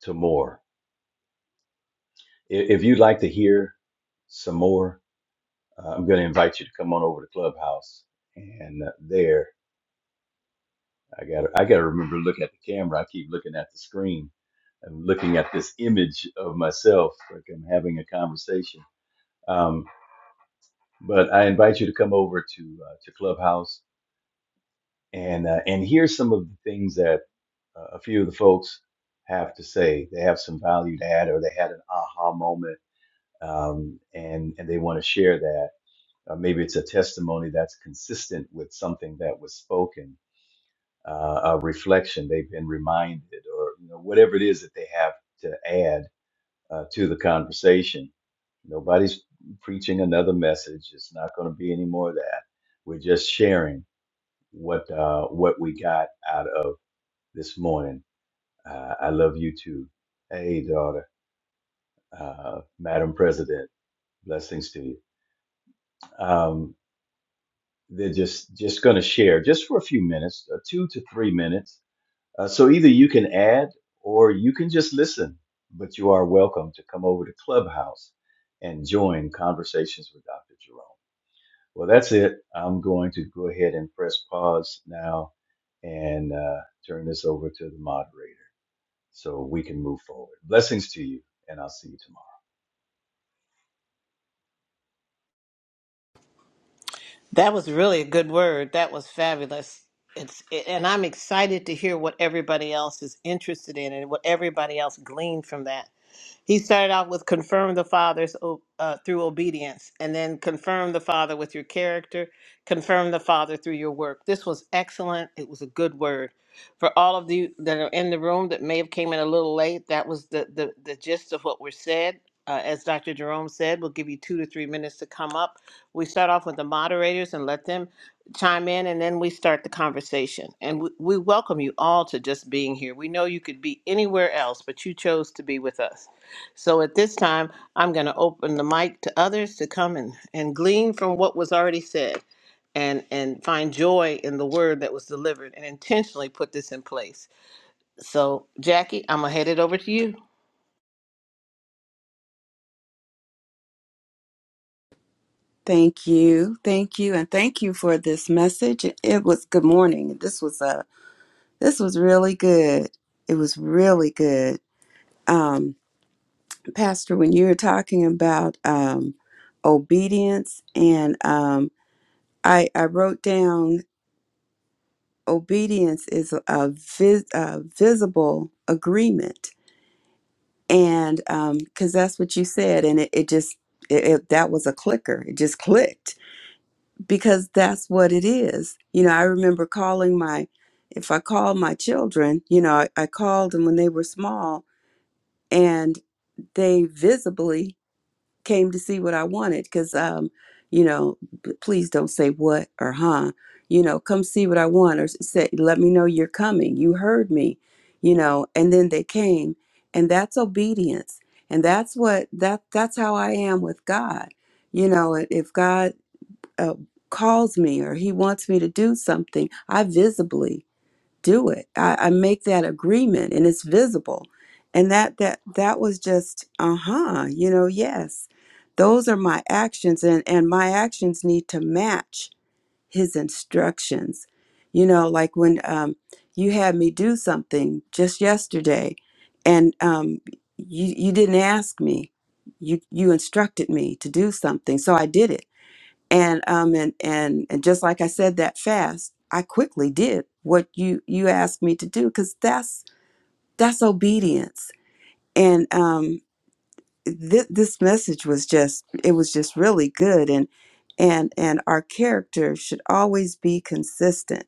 to more. I- If you'd like to hear some more, uh, I'm going to invite you to come on over to Clubhouse, and uh, there I got I got to remember to look at the camera. I keep looking at the screen I'm looking at this image of myself, like I'm having a conversation. Um, but I invite you to come over to uh, to Clubhouse and uh, and hear some of the things that uh, a few of the folks have to say. They have some value to add, or they had an aha moment, um, and and they want to share that. Uh, maybe it's a testimony that's consistent with something that was spoken, uh, a reflection they've been reminded, or you know whatever it is that they have to add uh, to the conversation. Nobody's preaching another message. It's not going to be any more of that. We're just sharing what uh, what we got out of this morning. Uh, I love you too. Hey, daughter, uh, Madam President, blessings to you. Um, they're just just going to share just for a few minutes, uh, two to three minutes Uh, so either you can add or you can just listen, but you are welcome to come over to Clubhouse and join Conversations with Dr. Jerome. Well, that's it. I'm going to go ahead and press pause now and uh, turn this over to the moderator so we can move forward. Blessings to you, and I'll see you That was really a good word. That was fabulous. It's and I'm excited to hear what everybody else is interested in and what everybody else gleaned from that. He started off with confirm the Father's o- uh, through obedience, and then confirm the Father with your character, confirm the Father through your work. This was excellent. It was a good word. For all of you that are in the room that may have came in a little late, that was the the, the gist of what was said. Uh, as Dr. Jerome said, we'll give you two to three minutes to come up. We start off with the moderators and let them chime in and then we start the conversation. And we, we welcome you all to just being here. We know you could be anywhere else, but you chose to be with us. So at this time, I'm going to open the mic to others to come and, and glean from what was already said and, and find joy in the word that was delivered and intentionally put this in place. So, Jackie, I'm going to head it over to you. Thank you. Thank you and thank you for this message. It was good morning. This was a this was really good. It was really good. Um Pastor, when you were talking about um obedience and um I I wrote down obedience is a, vis, a visible agreement and um cuz that's what you said and it, it just it, it that was a clicker. It just clicked because that's what it is. You know, I remember calling my, if I called my children, you know, I, I called them when they were small and they visibly came to see what I wanted because, um, you know, p- please don't say what or huh. You know, come see what I want or s- say, let me know you're coming. You heard me, you know, and then they came. And that's obedience. And that's what that that's how I am with God. You know, if God uh, calls me or he wants me to do something, I visibly do it. I, I make that agreement and it's visible. And that that that was just uh-huh, you know, yes. Those are my actions and, and my actions need to match his instructions. You know, like when um, you had me do something just yesterday and um, you, you didn't ask me. You, you instructed me to do something. So I did it and um and and and just like I said that fast, I quickly did what you you asked me to do because that's that's obedience. And um, th- this message was just it was just really good, and and and our character should always be consistent,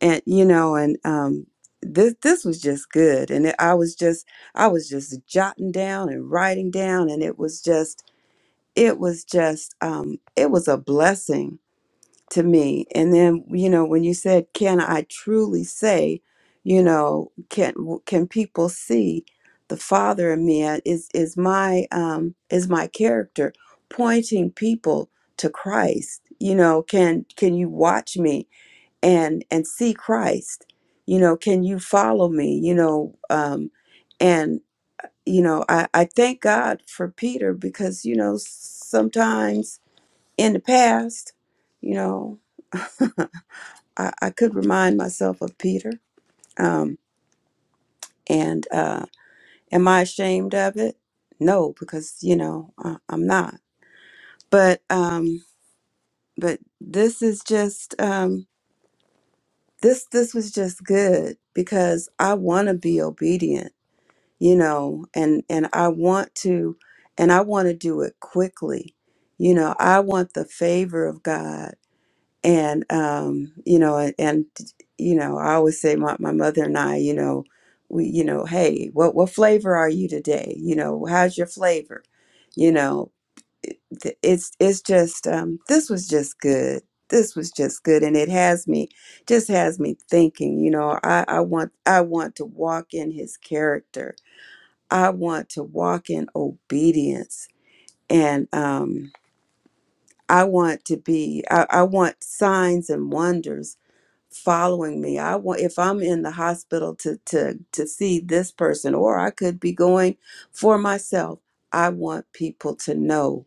and you know, and um, this this was just good, and it, I was just I was just jotting down and writing down, and it was just it was just um, it was a blessing to me. And then, you know, when you said, "Can I truly say, you know, can can people see the Father in me? Uh, Is is my um is my character pointing people to Christ? You know, can can you watch me and and see Christ? You know, can you follow me? You know, um, and you know, I, I thank God for Peter because you know sometimes in the past, you know. I, I could remind myself of Peter. Um, and uh, am I ashamed of it? No, because you know I, I'm not. But um, but this is just um, this this was just good because I want to be obedient, you know, and and I want to, and I want to do it quickly, you know. I want the favor of God and um, you know, and, and you know, I always say my, my mother and I, you know, we, you know, hey, what what flavor are you today? You know, how's your flavor? You know, it- th- it's it's just um, this was just good. This was just good, and it has me just has me thinking. You know, I I want I want to walk in His character. I want to walk in obedience, and um, I want to be. I, I want signs and wonders following me. I want if I'm in the hospital to to to see this person or I could be going for myself. I want people to know,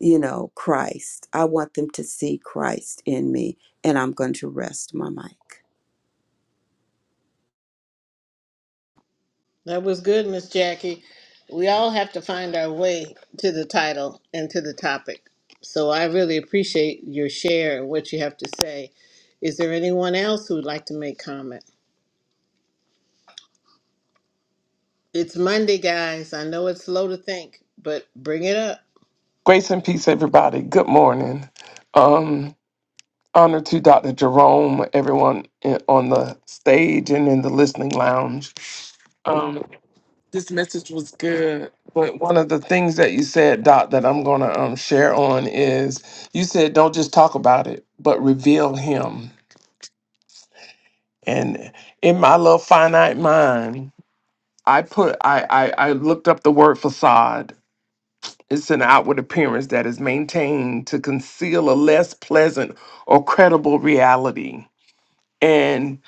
you know, Christ. I want them to see Christ in me and I'm going to rest my mic. That was good, Miss Jackie. We all have to find our way to the title and to the topic. So I really appreciate your share and what you have to say. Is there anyone else who would like to make comment? It's Monday, guys. I know it's slow to think, but bring it up. Grace and peace, everybody. Good morning. Um, honor to Dr. Jerome, everyone in, on the stage and in the listening lounge. Um, this message was good, but one of the things that you said, Doc, that I'm going to um, share on is you said, don't just talk about it, but reveal him. And in my little finite mind, I put I, I I looked up the word facade It's an outward appearance that is maintained to conceal a less pleasant or credible reality. And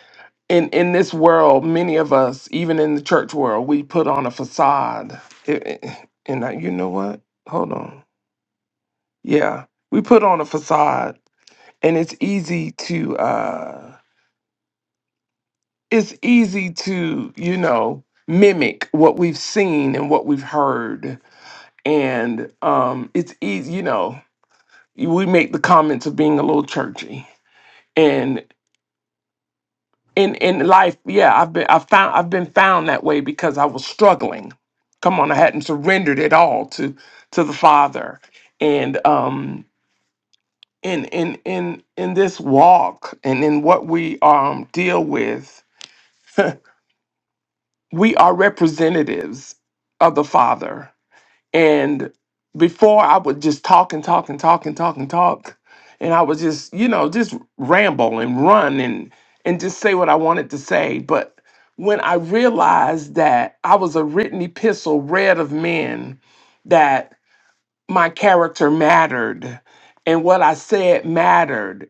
in in this world, many of us, even in the church world, we put on a facade. It- it- and I, you know what? Hold on. Yeah, we put on a facade, and it's easy to uh, it's easy to you know mimic what we've seen and what we've heard, and um, it's easy, you know we make the comments of being a little churchy and in in life yeah i've been i found i've been found that way because i was struggling come on i hadn't surrendered at all to to the father and um in in in in this walk and in what we um deal with we are representatives of the father And before I would just talk and talk and talk and talk and talk. And I would just, you know, just ramble and run and and just say what I wanted to say. But when I realized that I was a written epistle read of men, that my character mattered and what I said mattered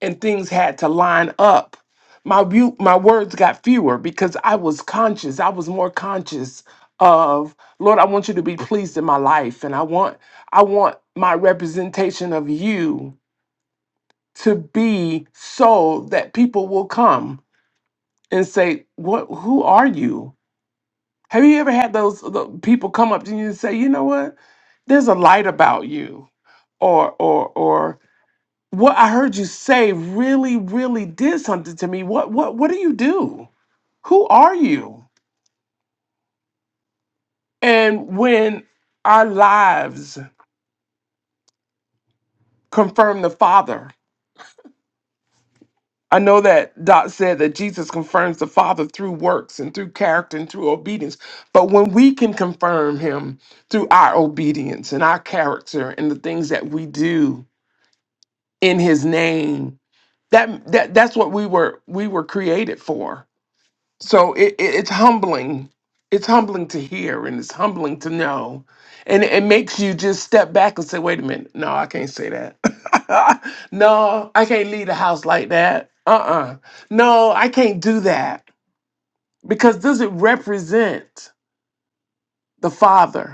and things had to line up. My view, my words got fewer because I was conscious. I was more conscious of Lord. I want you to be pleased in my life, and I want I want my representation of you to be so that people will come and say, "What? Who are you?" Have you ever had those the people come up to you and say, "You know what? There's a light about you," or or or what I heard you say really, really did something to me. What what what do you do? Who are you? And when our lives confirm the Father, I know that Doc said that Jesus confirms the Father through works and through character and through obedience. But when we can confirm him through our obedience and our character and the things that we do in his name, that that that's what we were we were created for So it, it, it's humbling. It's humbling to hear and it's humbling to know. And it makes you just step back and say, wait a minute, no, I can't say that. no, I can't leave the house like that. Uh uh No, I can't do that. Because does it represent the Father?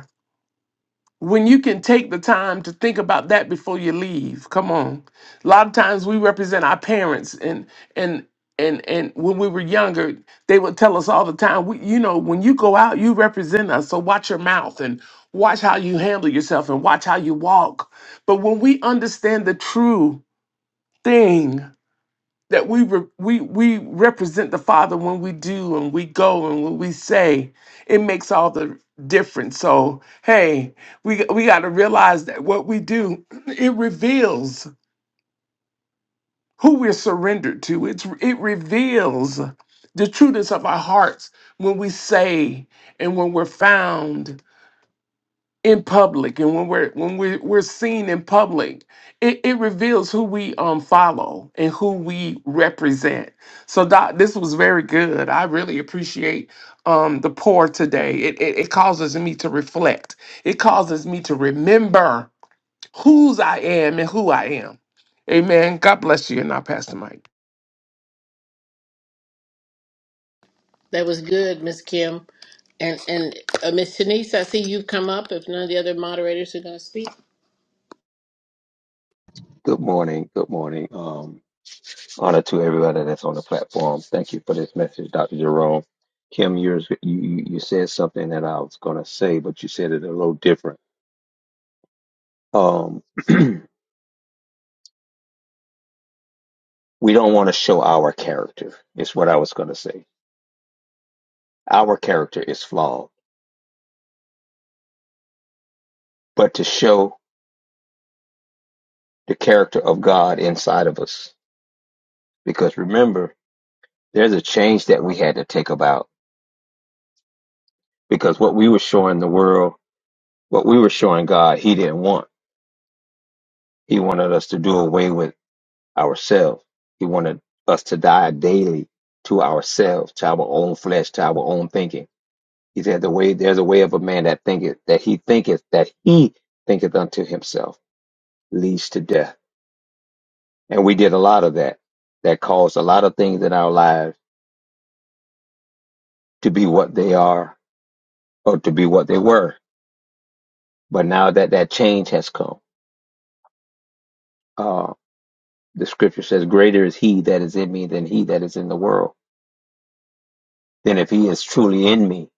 when you can take the time to think about that before you leave come on a lot of times we represent our parents and and and and when we were younger they would tell us all the time we, you know when you go out you represent us so watch your mouth and watch how you handle yourself and watch how you walk but when we understand the true thing that we re- we we represent the Father when we do and we go and when we say. It makes all the difference. So hey, we g- we got to realize that what we do it reveals who we're surrendered to. It's it reveals the trueness of our hearts when we say and when we're found in public and when we're when we're, we're seen in public it, it reveals who we um follow and who we represent so doc this was very good i really appreciate um the pour today it, it it causes me to reflect it causes me to remember whose i am and who i am amen god bless you and i pass the mic That was good, Miss Kim. And and uh, Miss Shanice, I see you've come up. If none of the other moderators are going to speak, Good morning. Good morning. Um, honor to everybody that's on the platform. Thank you for this message, Dr. Jerome. Kim, yours, you, you you said something that I was going to say, but you said it a little different. Um, we don't want to show our character, is what I was going to say. Our character is flawed, but to show the character of God inside of us. Because remember, there's a change that we had to take about. Because what we were showing the world, what we were showing God, He didn't want. He wanted us to do away with ourselves. He wanted us to die daily to ourselves, to our own flesh, to our own thinking. He said, "The way there's a way of a man that thinketh that he thinketh that he thinketh unto himself leads to death." And we did a lot of that. That caused a lot of things in our lives to be what they are or to be what they were. But now that that change has come, uh, the scripture says, "Greater is He that is in me than he that is in the world." Then, if He is truly in me,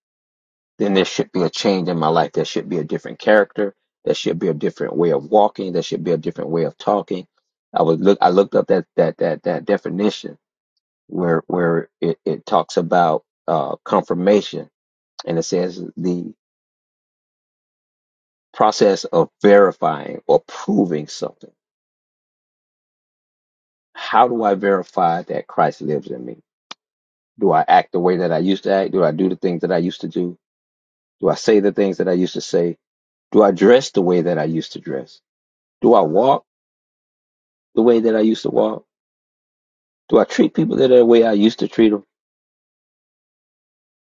then there should be a change in my life. There should be a different character. There should be a different way of walking. There should be a different way of talking. I was look. I looked up that that that that definition where where it, it talks about uh, confirmation, and it says the process of verifying or proving something. How do I verify that Christ lives in me? Do I act the way that I used to act? Do I do the things that I used to do? Do I say the things that I used to say? Do I dress the way that I used to dress? Do I walk? the way that I used to walk? Do I treat people the way I used to treat them?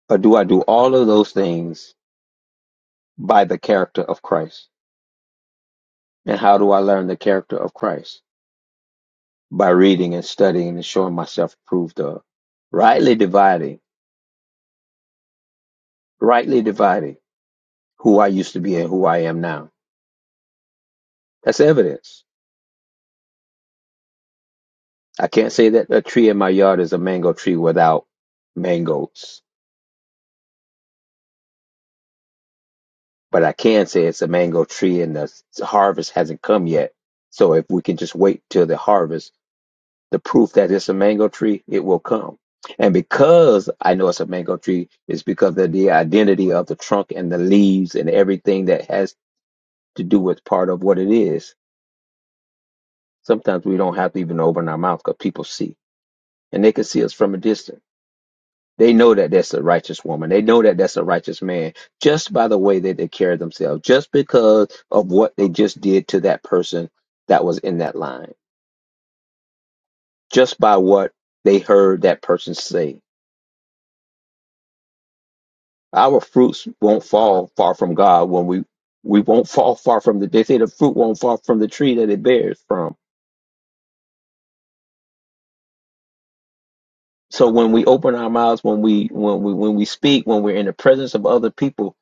Or do I do all of those things by the character of Christ? And how do I learn the character of Christ? By reading and studying and showing myself approved of. Rightly dividing, rightly dividing who I used to be and who I am now. That's evidence. I can't say that a tree in my yard is a mango tree without mangoes, but I can say it's a mango tree and the harvest hasn't come yet. So if we can just wait till the harvest, the proof that it's a mango tree, it will come. And because I know it's a mango tree, it's because of the identity of the trunk and the leaves and everything that has to do with part of what it is. Sometimes we don't have to even open our mouth because people see and they can see us from a distance. They know that that's a righteous woman. They know that that's a righteous man just by the way that they carry themselves, just because of what they just did to that person that was in that line, just by what they heard that person say Our fruits won't fall far from God when we we won't fall far from the. They say the fruit won't fall from the tree that it bears from. So when we open our mouths, when we when we when we speak, when we're in the presence of other people,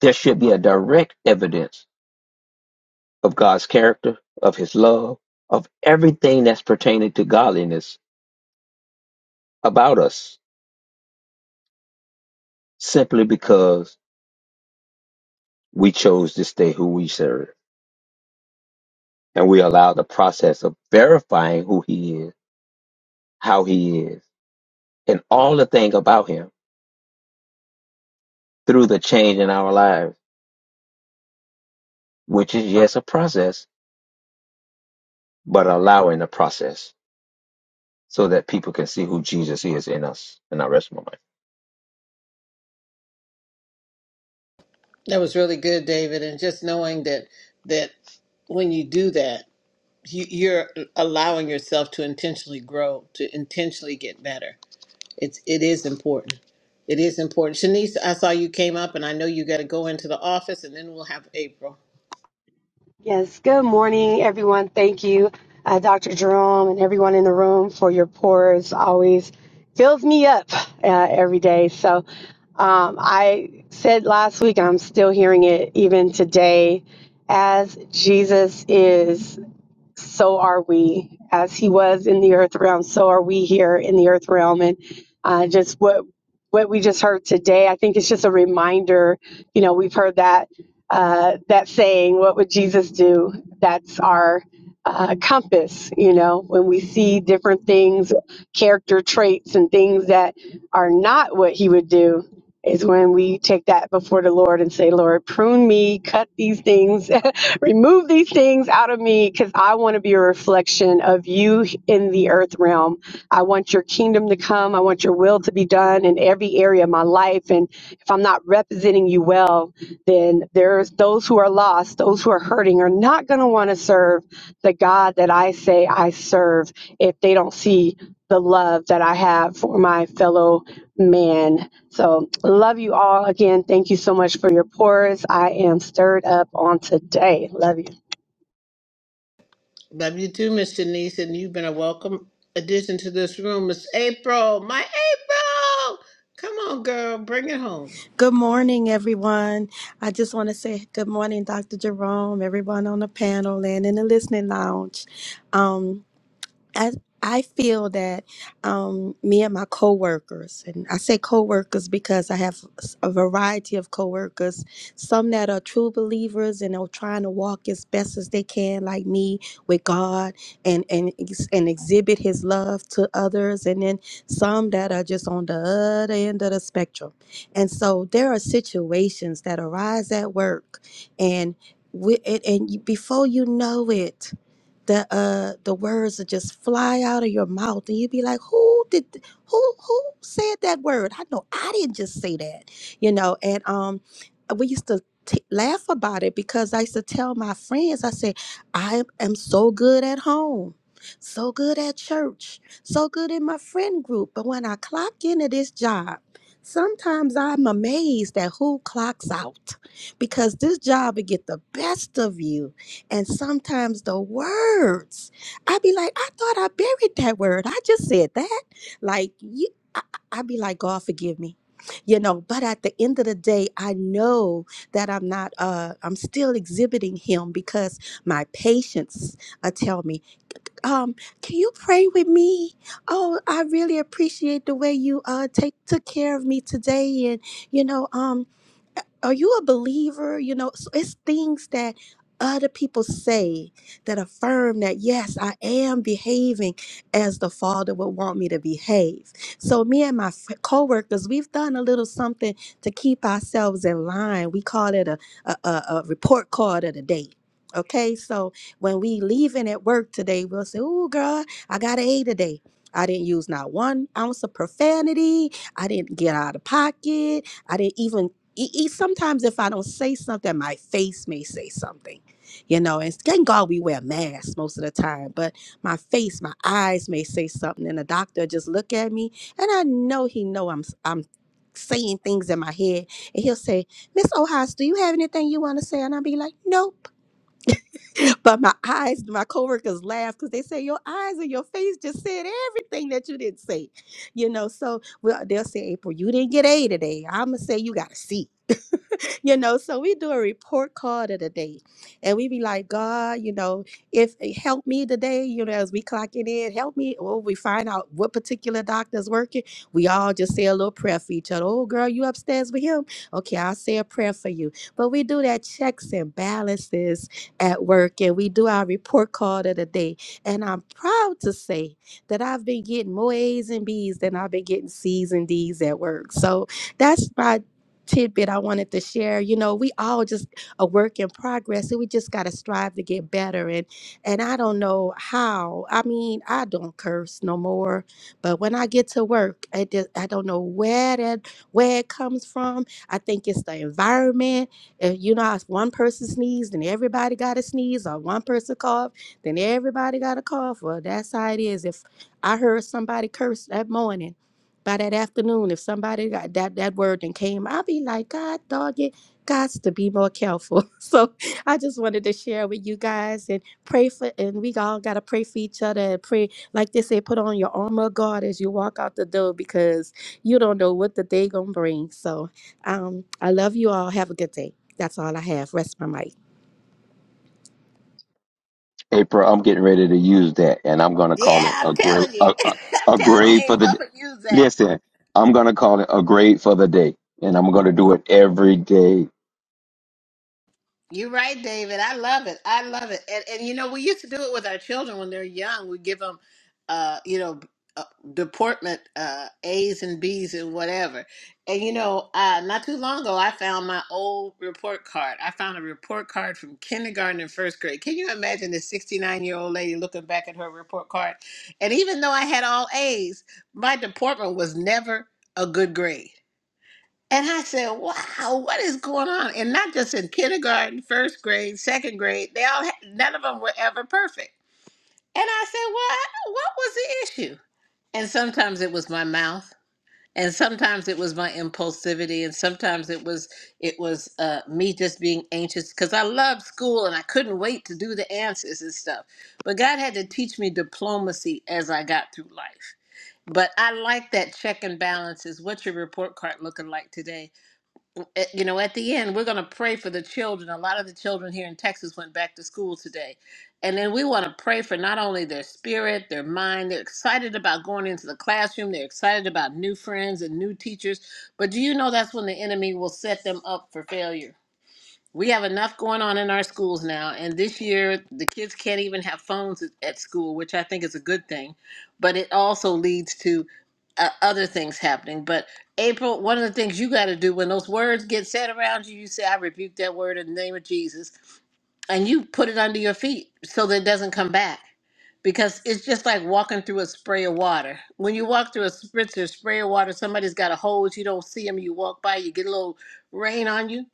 there should be a direct evidence of God's character, of His love, of everything that's pertaining to godliness about us, simply because we chose to stay who we serve and we allow the process of verifying who He is, how He is, and all the thing about Him through the change in our lives, which is yes a process, but allowing the process so that people can see who Jesus is in us. And I rest my mind. that was really good, David. And just knowing that that when you do that, you, you're allowing yourself to intentionally grow, to intentionally get better. It's it is important. It is important. Shanice, I saw you came up, and I know you got to go into the office, and then we'll have April. Yes, good morning, everyone. Thank you, uh, Dr. Jerome, and everyone in the room for your pours. Always fills me up uh, every day. So um, I said last week, and I'm still hearing it even today, as Jesus is so are we. As he was in the earth realm, so are we here in the earth realm. And uh, just what what we just heard today, I think it's just a reminder. You know, we've heard that uh, that saying, "What would Jesus do?" That's our uh, compass. You know, when we see different things, character traits, and things that are not what he would do is when we take that before the Lord and say, Lord, prune me, cut these things, remove these things out of me, because I want to be a reflection of you in the earth realm. I want your kingdom to come. I want your will to be done in every area of my life. And if I'm not representing you well, then there's those who are lost, those who are hurting, are not going to want to serve the God that I say I serve if they don't see the love that I have for my fellow man so, love you all again. Thank you so much for your pores. I am stirred up on today. Love you. Love you too, Miss Denise, and you've been a welcome addition to this room, Miss April. My April, come on, girl, bring it home. Good morning, everyone. I just want to say good morning, Dr. Jerome, everyone on the panel and in the listening lounge. Um, I I feel that um, me and my coworkers, and I say coworkers because I have s- a variety of coworkers, some that are true believers and are trying to walk as best as they can, like me, with God, and and ex- and exhibit His love to others, and then some that are just on the other end of the spectrum. And so there are situations that arise at work, and we, and, and you- before you know it the uh the words that just fly out of your mouth and you'd be like who did th- who who said that word i know i didn't just say that you know and um we used to t- laugh about it because i used to tell my friends i said i am so good at home so good at church so good in my friend group but when i clock into this job sometimes i'm amazed at who clocks out because this job will get the best of you and sometimes the words, i be like, I thought I buried that word. I just said that. Like, you, I, I I be like, God, forgive me. You know, but at the end of the day, I know that I'm not, uh, I'm still exhibiting him because my patience, I tell me, um, can you pray with me? Oh, I really appreciate the way you uh take took care of me today, and you know, um, are you a believer? You know, so it's things that other people say that affirm that yes, I am behaving as the Father would want me to behave. So me and my f- coworkers, we've done a little something to keep ourselves in line. We call it a a, a, a report card of the day. Okay, so when we leaving at work today, we'll say, Oh, girl, I got an A today. I didn't use not one ounce of profanity. I didn't get out of pocket. I didn't even. e- e- Sometimes, if I don't say something, my face may say something, you know. And thank God we wear masks most of the time, but my face, my eyes may say something, and the doctor just look at me, and I know he know I'm s- I'm saying things in my head, and he'll say, Miss Ohas, do you have anything you want to say? And I'll be like, nope. but my eyes, my coworkers laugh because they say your eyes and your face just said everything that you didn't say. You know, so well, they'll say, April, you didn't get A today. I'ma say you got a C you know, so we do a report card of the day and we be like, God, you know, if eh, help me today, you know, as we clock it in, help me. Or we find out what particular doctor's working. We all just say a little prayer for each other. Oh, girl, you upstairs with him? Okay, I'll say a prayer for you. But we do that checks and balances at work and we do our report card of the day. And I'm proud to say that I've been getting more A's and B's than I've been getting C's and D's at work. So that's my tidbit I wanted to share. You know, we all just a work in progress, and we just gotta strive to get better. And and I don't know how. I mean, I don't curse no more. But when I get to work, I just, I don't know where that where it comes from. I think it's the environment. If you know, if one person sneezed, then everybody got to sneeze, or one person coughed, then everybody got to cough. Well, that's how it is. If I heard somebody curse that morning. By that afternoon, if somebody got that that word and came, I'll be like, God dog it, God's to be more careful. So I just wanted to share with you guys and pray for and we all gotta pray for each other and pray, like they say, put on your armor of God as you walk out the door because you don't know what the day gonna bring. So um I love you all. Have a good day. That's all I have. Rest my mic. April, I'm getting ready to use that, and I'm going to Yeah, call it a I'm grade, telling you. a, a, I'm a telling you, grade for April, I'm the. going to use that. Listen, I'm going to call it a grade for the day, and I'm going to do it every day. You're right, David. I love it. I love it. And, and you know, we used to do it with our children when they're young. We give them, uh, you know, uh, deportment uh, A's and B's and whatever. And you know, uh, not too long ago, I found my old report card. I found a report card from kindergarten and first grade. Can you imagine this 69 year old lady looking back at her report card? And even though I had all A's, my deportment was never a good grade and I said, wow, what is going on? And not just in kindergarten, first grade, second grade, they all had, none of them were ever perfect. And I said, well, I- what was the issue? And sometimes it was my mouth. And sometimes it was my impulsivity, and sometimes it was it was uh, me just being anxious because I loved school and I couldn't wait to do the answers and stuff. But God had to teach me diplomacy as I got through life. But I like that check and balance is what your report card looking like today at- you know, at the end, we're going to pray for the children. A lot of the children here in Texas went back to school today. And then we want to pray for not only their spirit, their mind. They're excited about going into the classroom, they're excited about new friends and new teachers. But do you know that's when the enemy will set them up for failure? We have enough going on in our schools now, and this year the kids can't even have phones at at school, which I think is a good thing, but it also leads to uh, other things happening. But April, one of the things you got to do when those words get said around you, you say, I rebuke that word in the name of Jesus, and you put it under your feet so that it doesn't come back. Because it's just like walking through a spray of water. When you walk through a spritzer, spray of water, somebody's got a hose, you don't see them, you walk by, you get a little rain on you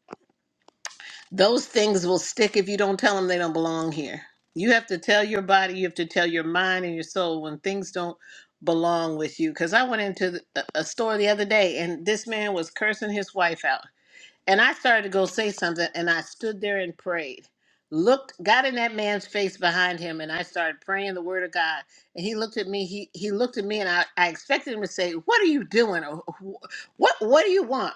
those things will stick if you don't tell them they don't belong here. You have to tell your body, you have to tell your mind and your soul when things don't belong with you. Because I went into the, a a store the other day and this man was cursing his wife out. And I started to go say something, and I stood there and prayed. Looked, got in that man's face behind him, and I started praying the word of God. And he looked at me. He he looked at me, and I, I expected him to say, "What are you doing? Or wh- What what do you want?"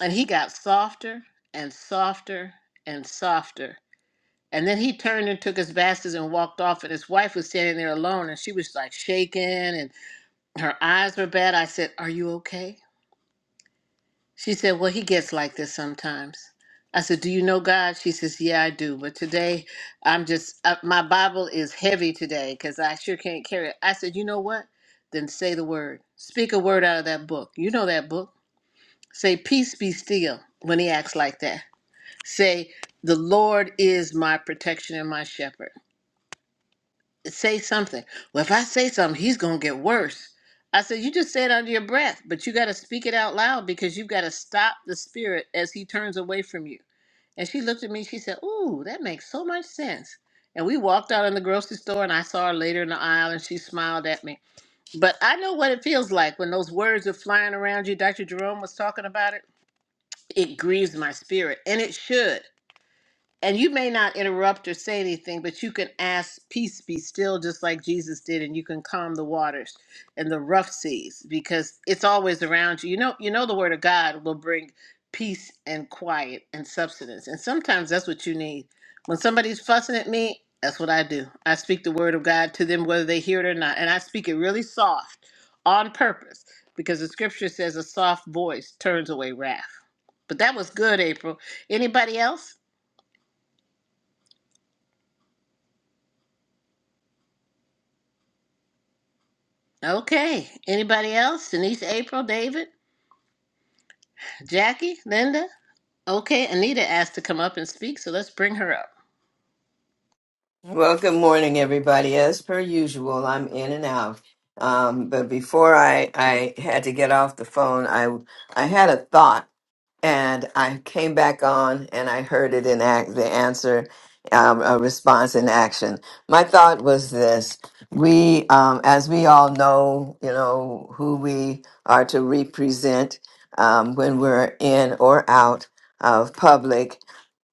And he got softer and softer and softer. And then he turned and took his baskets and walked off. And his wife was standing there alone, and she was like shaking, and her eyes were bad. I said, "Are you okay?" She said, Well, he gets like this sometimes. I said, Do you know God? She says, Yeah, I do. But today, I'm just, uh, my Bible is heavy today because I sure can't carry it. I said, You know what? Then say the word. Speak a word out of that book. You know that book. Say, Peace be still when he acts like that. Say, The Lord is my protection and my shepherd say something. Well, if I say something, he's going to get worse. I said, You just say it under your breath, but you got to speak it out loud because you've got to stop the spirit as he turns away from you. And she looked at me, she said, Ooh, that makes so much sense. And we walked out in the grocery store, and I saw her later in the aisle, and she smiled at me. But I know what it feels like when those words are flying around you. Dr. Jerome was talking about it. It grieves my spirit, and it should and you may not interrupt or say anything, but you can ask, Peace be still, just like Jesus did, and you can calm the waters and the rough seas because it's always around you. You know, you know the word of God will bring peace and quiet and substance. And sometimes that's what you need. When somebody's fussing at me, that's what I do. I speak the word of God to them whether they hear it or not. And I speak it really soft on purpose because the scripture says a soft voice turns away wrath. But that was good, April. Anybody else? Okay. Anybody else? Denise, April, David, Jackie, Linda? Okay, Anita asked to come up and speak, so let's bring her up. Well, good morning, everybody. As per usual, I'm in and out. Um, but before I, I had to get off the phone, I I had a thought, and I came back on, and I heard it in act, the answer, um, a response in action. My thought was this: we, um, as we all know, you know who we are to represent um, when we're in or out of public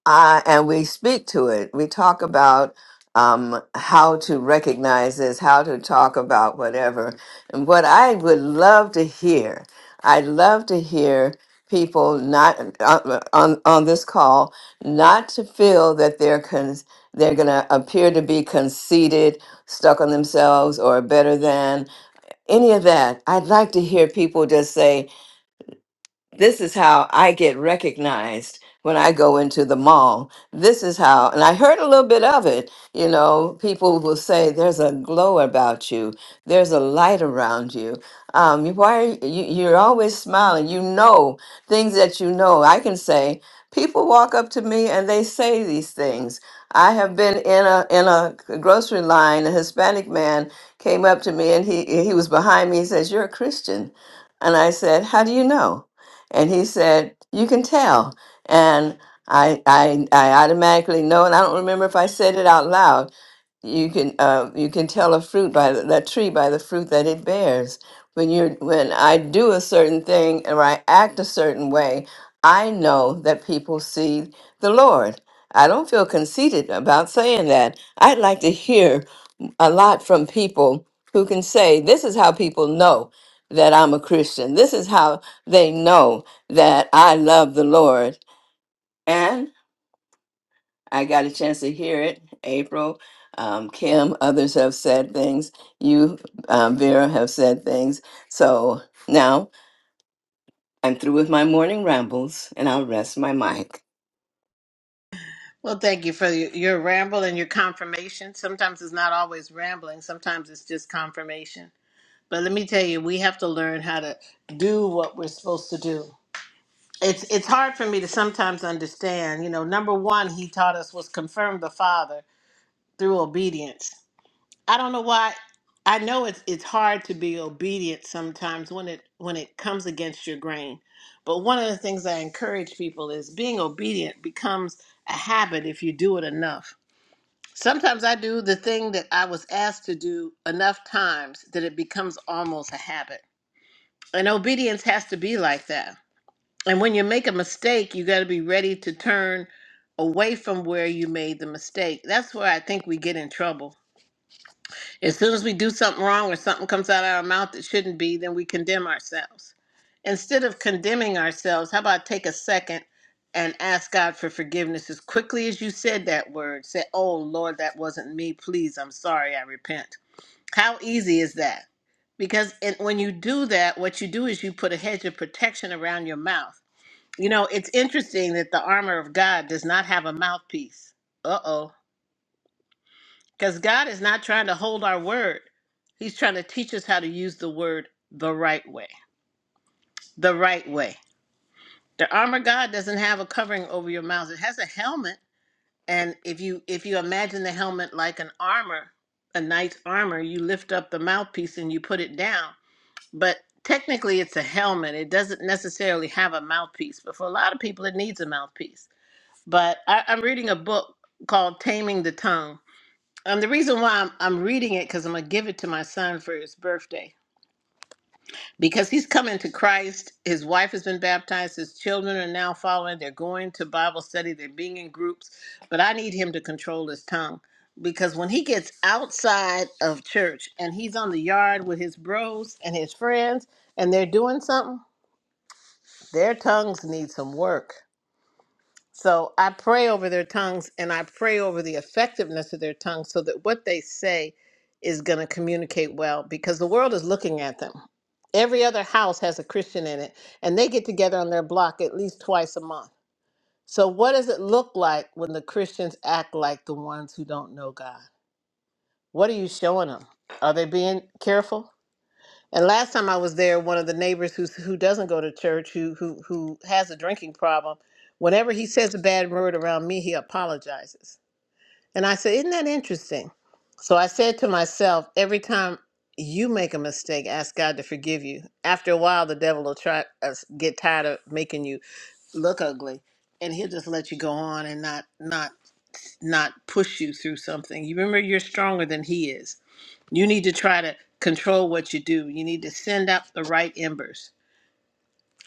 uh, and we speak to it. We talk about um, how to recognize this, how to talk about whatever. And what I would love to hear, I'd love to hear people not on on, on this call not to feel that they're con- they're going to appear to be conceited, stuck on themselves, or better than any of that. I'd like to hear people just say this is how I get recognized when I go into the mall. This is how, and I heard a little bit of it. You know, people will say, "There's a glow about you. There's a light around you. Um, you why are you, you- you're always smiling? You know things that you know." I can say, people walk up to me and they say these things. I have been in a in a grocery line. A Hispanic man came up to me and he he was behind me. He says, "You're a Christian," and I said, "How do you know?" And he said, "You can tell." And I, I, I automatically know, and I don't remember if I said it out loud. You can, uh, you can tell a fruit by the, that tree by the fruit that it bears. When you're, when I do a certain thing or I act a certain way, I know that people see the Lord. I don't feel conceited about saying that. I'd like to hear a lot from people who can say, This is how people know that I'm a Christian. This is how they know that I love the Lord. And I got a chance to hear it. April, um, Kim, others have said things. You, um, Vera, have said things. So now I'm through with my morning rambles and I'll rest my mic. Well, thank you for your, your ramble and your confirmation. Sometimes it's not always rambling, sometimes it's just confirmation. But let me tell you, we have to learn how to do what we're supposed to do. It's it's hard for me to sometimes understand. You know, number one, he taught us was confirm the Father through obedience I don't know why. I know it's it's hard to be obedient sometimes when it when it comes against your grain. But one of the things I encourage people is being obedient becomes a habit if you do it enough. Sometimes I do the thing that I was asked to do enough times that it becomes almost a habit. And obedience has to be like that. And when you make a mistake, you got to be ready to turn away from where you made the mistake. That's where I think we get in trouble as soon as we do something wrong or something comes out of our mouth that shouldn't be, then we condemn ourselves. Instead of condemning ourselves, how about take a second and ask God for forgiveness as quickly as you said that word? Say, Oh Lord, that wasn't me. Please, I'm sorry. I repent. How easy is that? Because it, when you do that, what you do is you put a hedge of protection around your mouth. You know, it's interesting that the armor of God does not have a mouthpiece. Uh oh. Because God is not trying to hold our word. He's trying to teach us how to use the word the right way. The right way. The armor of God doesn't have a covering over your mouth. It has a helmet. And if you if you imagine the helmet like an armor, a knight's armor, you lift up the mouthpiece and you put it down. But technically it's a helmet. It doesn't necessarily have a mouthpiece. But for a lot of people it needs a mouthpiece. But I, I'm reading a book called Taming the Tongue Um, the reason why I'm, I'm reading it because I'm gonna give it to my son for his birthday because he's coming to Christ. His wife has been baptized. His children are now following. They're going to Bible study. They're being in groups. But I need him to control his tongue because when he gets outside of church and he's on the yard with his bros and his friends and they're doing something, their tongues need some work. So I pray over their tongues and I pray over the effectiveness of their tongues so that what they say is going to communicate well because the world is looking at them. Every other house has a Christian in it and they get together on their block at least twice a month. So, what does it look like when the Christians act like the ones who don't know God? What are you showing them? Are they being careful? And last time I was there, one of the neighbors who who doesn't go to church, who who who has a drinking problem, whenever he says a bad word around me, he apologizes. And I said, "Isn't that interesting?" So I said to myself, every time you make a mistake, ask God to forgive you. After a while, the devil will try uh, get tired of making you look ugly, and he'll just let you go on and not not not push you through something. You remember, you're stronger than he is. You need to try to control what you do. You need to send up the right embers.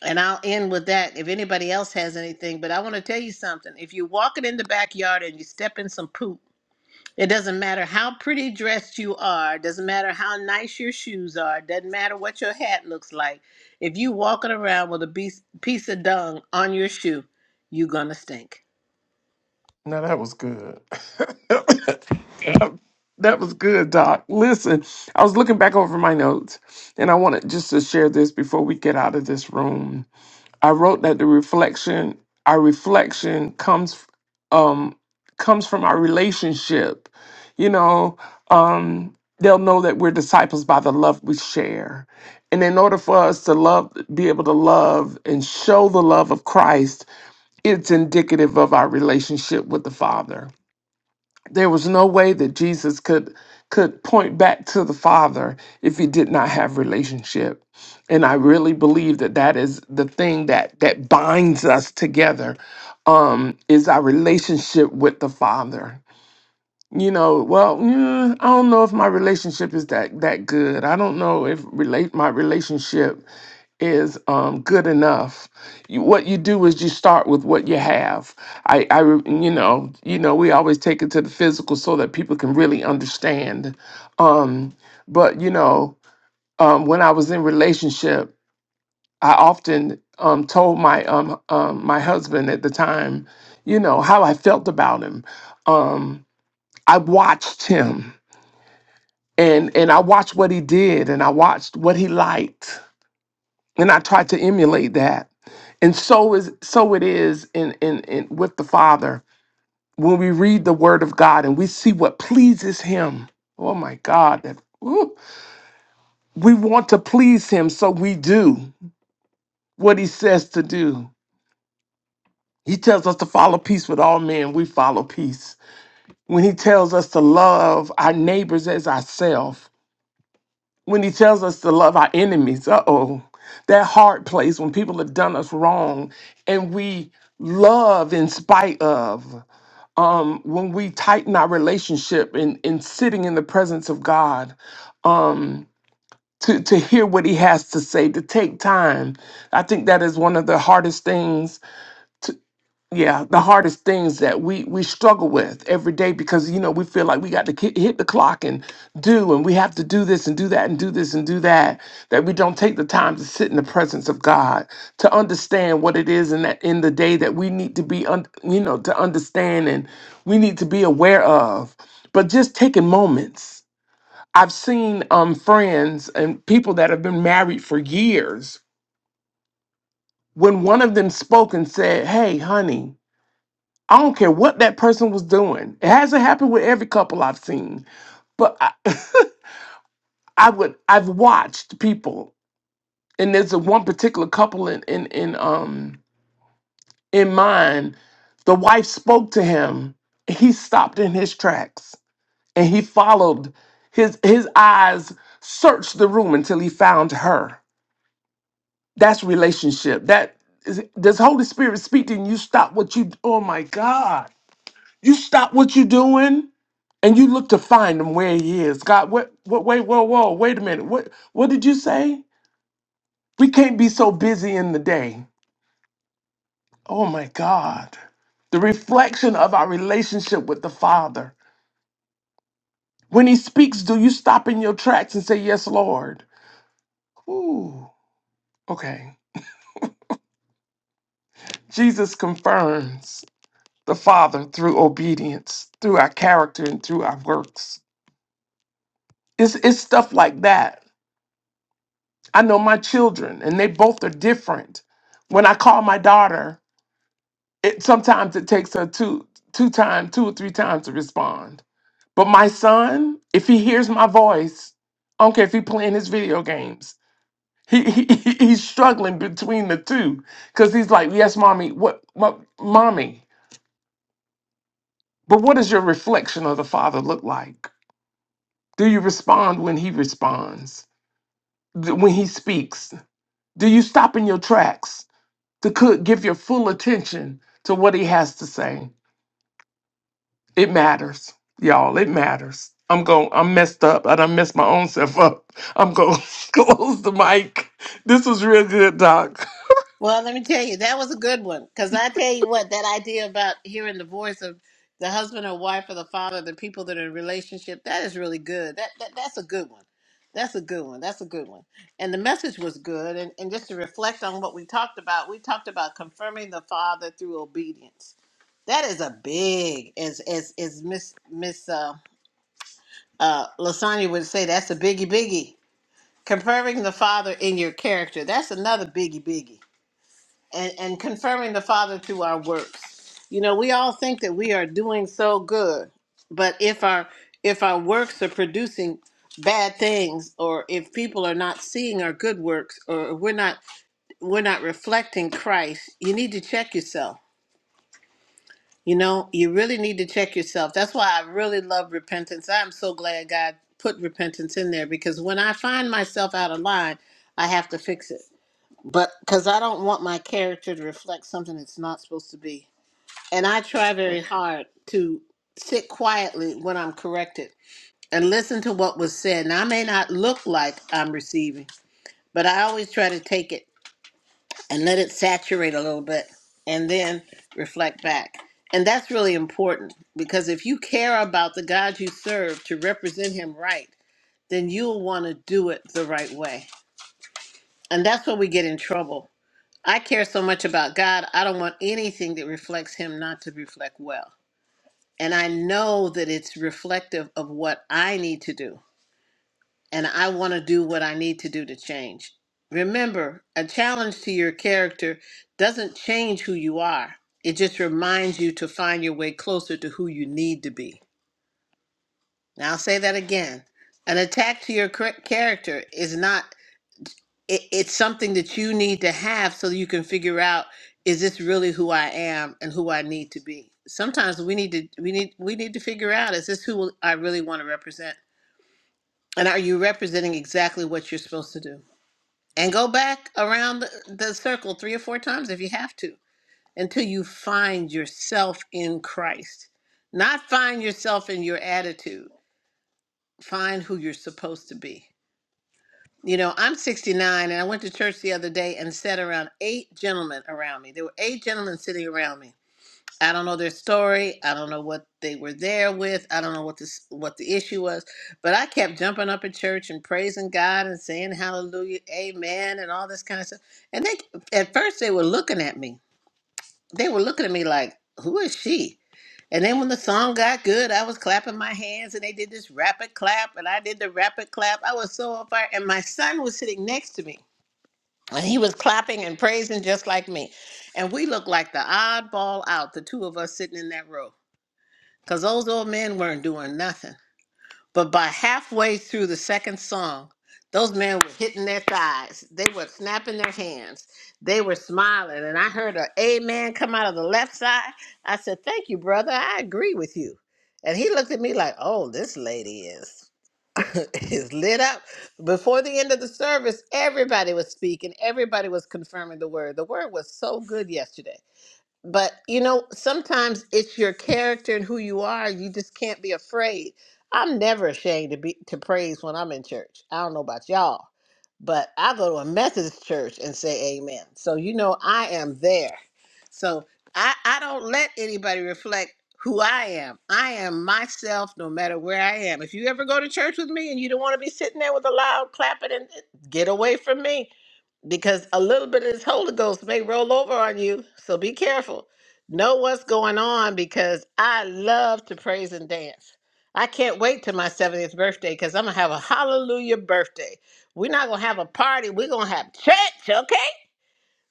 And I'll end with that if anybody else has anything. But I want to tell you something. If you're walking in the backyard and you step in some poop, it doesn't matter how pretty dressed you are, it doesn't matter how nice your shoes are, it doesn't matter what your hat looks like. If you walking around with a piece, piece of dung on your shoe, you're going to stink. now that was good That was good, Doc. Listen, I was looking back over my notes and I wanted just to share this before we get out of this room. I wrote that the reflection, our reflection comes um comes from our relationship. You know, um they'll know that we're disciples by the love we share. And in order for us to love be able to love and show the love of Christ, it's indicative of our relationship with the Father there was no way that Jesus could could point back to the Father if he did not have relationship. And I really believe that that is the thing that that binds us together um is our relationship with the Father. You know, well, mm, I don't know if my relationship is that that good. I don't know if relate my relationship is um, good enough. You, what you do is you start with what you have. I, I, re- you know, you know, we always take it to the physical so that people can really understand. Um, but you know, um, when I was in relationship, I often um, told my um, um, my husband at the time, you know, how I felt about him. Um, I watched him, and and I watched what he did, and I watched what he liked and I try to emulate that. And so is so it is in in, in with the Father when we read the Word of God and we see what pleases Him. Oh my God, that woo. we want to please Him, so we do what He says to do. He tells us to follow peace with all men. We follow peace when He tells us to love our neighbors as ourselves. when he tells us to love our enemies. Uh oh, that hard place when people have done us wrong and we love in spite of. Um, when we tighten our relationship and in, in sitting in the presence of God, um, to, to hear what he has to say, to take time. I think that is one of the hardest things yeah the hardest things that we we struggle with every day because you know we feel like we got to ki- hit the clock and do and we have to do this and do that and do this and do that that we don't take the time to sit in the presence of god to understand what it is in that in the day that we need to be un, you know to understand and we need to be aware of but just taking moments i've seen um friends and people that have been married for years when one of them spoke and said hey honey I don't care what that person was doing. It hasn't happened with every couple I've seen, but I, I would I've watched people, and there's a one particular couple in in in um in mine. The wife spoke to him. He stopped in his tracks and he followed. His his eyes searched the room until he found her. That's relationship. That is, does Holy Spirit speak to you? You stop what you. Oh my God! You stop what you're doing and you look to find him where he is. God, what, what, wait, whoa, whoa, wait a minute. What, what did you say? We can't be so busy in the day. Oh my God. The reflection of our relationship with the Father. When he speaks, do you stop in your tracks and say, Yes, Lord? Ooh, okay. Jesus confirms the Father through obedience, through our character, and through our works. It's, it's stuff like that. I know my children, and they both are different. When I call my daughter, It sometimes it takes her two two time two or three times to respond. But my son, if he hears my voice, I don't care if he playing his video games. He, he he- he's struggling between the two because he's like, yes, mommy, what, what, mommy? But what does your reflection of the father look like? Do you respond when he responds? Th- When he speaks, do you stop in your tracks to could give your full attention to what he has to say? It matters, y'all. It matters. I'm going. I'm messed up. I done messed my own self up. I'm going to close the mic. This was real good, Doc. Well, let me tell you, that was a good one. Because I tell you what, that idea about hearing the voice of the husband or wife or the father, the people that are in a relationship, that is really good. That, that That's a good one. That's a good one. That's a good one. And the message was good. And, and just to reflect on what we talked about, we talked about confirming the father through obedience. That is a big, as as as Miss Miss uh, uh, Lasagna would say, that's a biggie biggie. Confirming the father in your character. That's another biggie biggie and, and confirming the Father through our works. You know, we all think that we are doing so good, but if our if our works are producing bad things, or if people are not seeing our good works, or we're not we're not reflecting Christ, you need to check yourself. You know, you really need to check yourself. That's why I really love repentance. I'm so glad God put repentance in there because when I find myself out of line, I have to fix it but because I don't want my character to reflect something it's not supposed to be. And I try very hard to sit quietly when I'm corrected and listen to what was said. Now, I may not look like I'm receiving, but I always try to take it and let it saturate a little bit and then reflect back. And that's really important because if you care about the God you serve to represent him right, then you'll want to do it the right way. And that's where we get in trouble I care so much about God, I don't want anything that reflects Him not to reflect well. And I know that it's reflective of what I need to do. And I want to do what I need to do to change. Remember, a challenge to your character doesn't change who you are, it just reminds you to find your way closer to who you need to be. Now, I'll say that again. An attack to your cra- character is not. it, it's something that you need to have so that you can figure out is this really who I am and who I need to be. Sometimes we need to we need we need to figure out is this who I really want to represent and are you representing exactly what you're supposed to do? And go back around the, the circle three or four times if you have to until you find yourself in Christ. Not find yourself in your attitude. Find who you're supposed to be You know, I'm 69 and I went to church the other day and sat around eight gentlemen around me. There were eight gentlemen sitting around me. I don't know their story. I don't know what they were there with. I don't know what this what the issue was, but I kept jumping up at church and praising God and saying hallelujah, amen and all this kind of stuff. And they at first they were looking at me. They were looking at me like, "Who is she?" And then when the song got good, I was clapping my hands and they did this rapid clap and I did the rapid clap. I was so on fire and my son was sitting next to me and he was clapping and praising just like me. And we looked like the oddball out, the two of us sitting in that row. Because those old men weren't doing nothing. But by halfway through the second song, those men were hitting their thighs. They were snapping their hands. They were smiling. And I heard a amen come out of the left side. I said, Thank you, brother. I agree with you. And he looked at me like, Oh, this lady is. is lit up. Before the end of the service, everybody was speaking. Everybody was confirming the word. The word was so good yesterday but you know sometimes it's your character and who you are you just can't be afraid i'm never ashamed to be to praise when i'm in church i don't know about y'all but i go to a methodist church and say amen so you know i am there so i i don't let anybody reflect who i am i am myself no matter where i am if you ever go to church with me and you don't want to be sitting there with a loud clapping and eh, get away from me because a little bit of this Holy Ghost may roll over on you. So be careful. Know what's going on because I love to praise and dance. I can't wait till my 70th birthday because I'm going to have a hallelujah birthday. We're not going to have a party. We're going to have church, okay?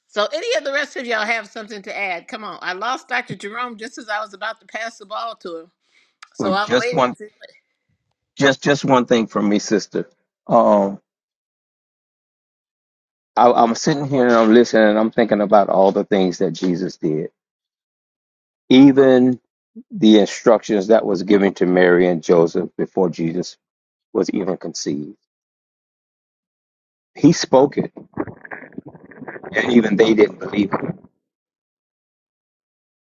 So, any of the rest of y'all have something to add? Come on. I lost Dr. Jerome just as I was about to pass the ball to him. So, Well, I'm just waiting. one, To- just just one thing from me, sister. Um, I, I'm sitting here and I'm listening and I'm thinking about all the things that Jesus did. Even the instructions that was given to Mary and Joseph before Jesus was even conceived. He spoke it, and even they didn't believe it,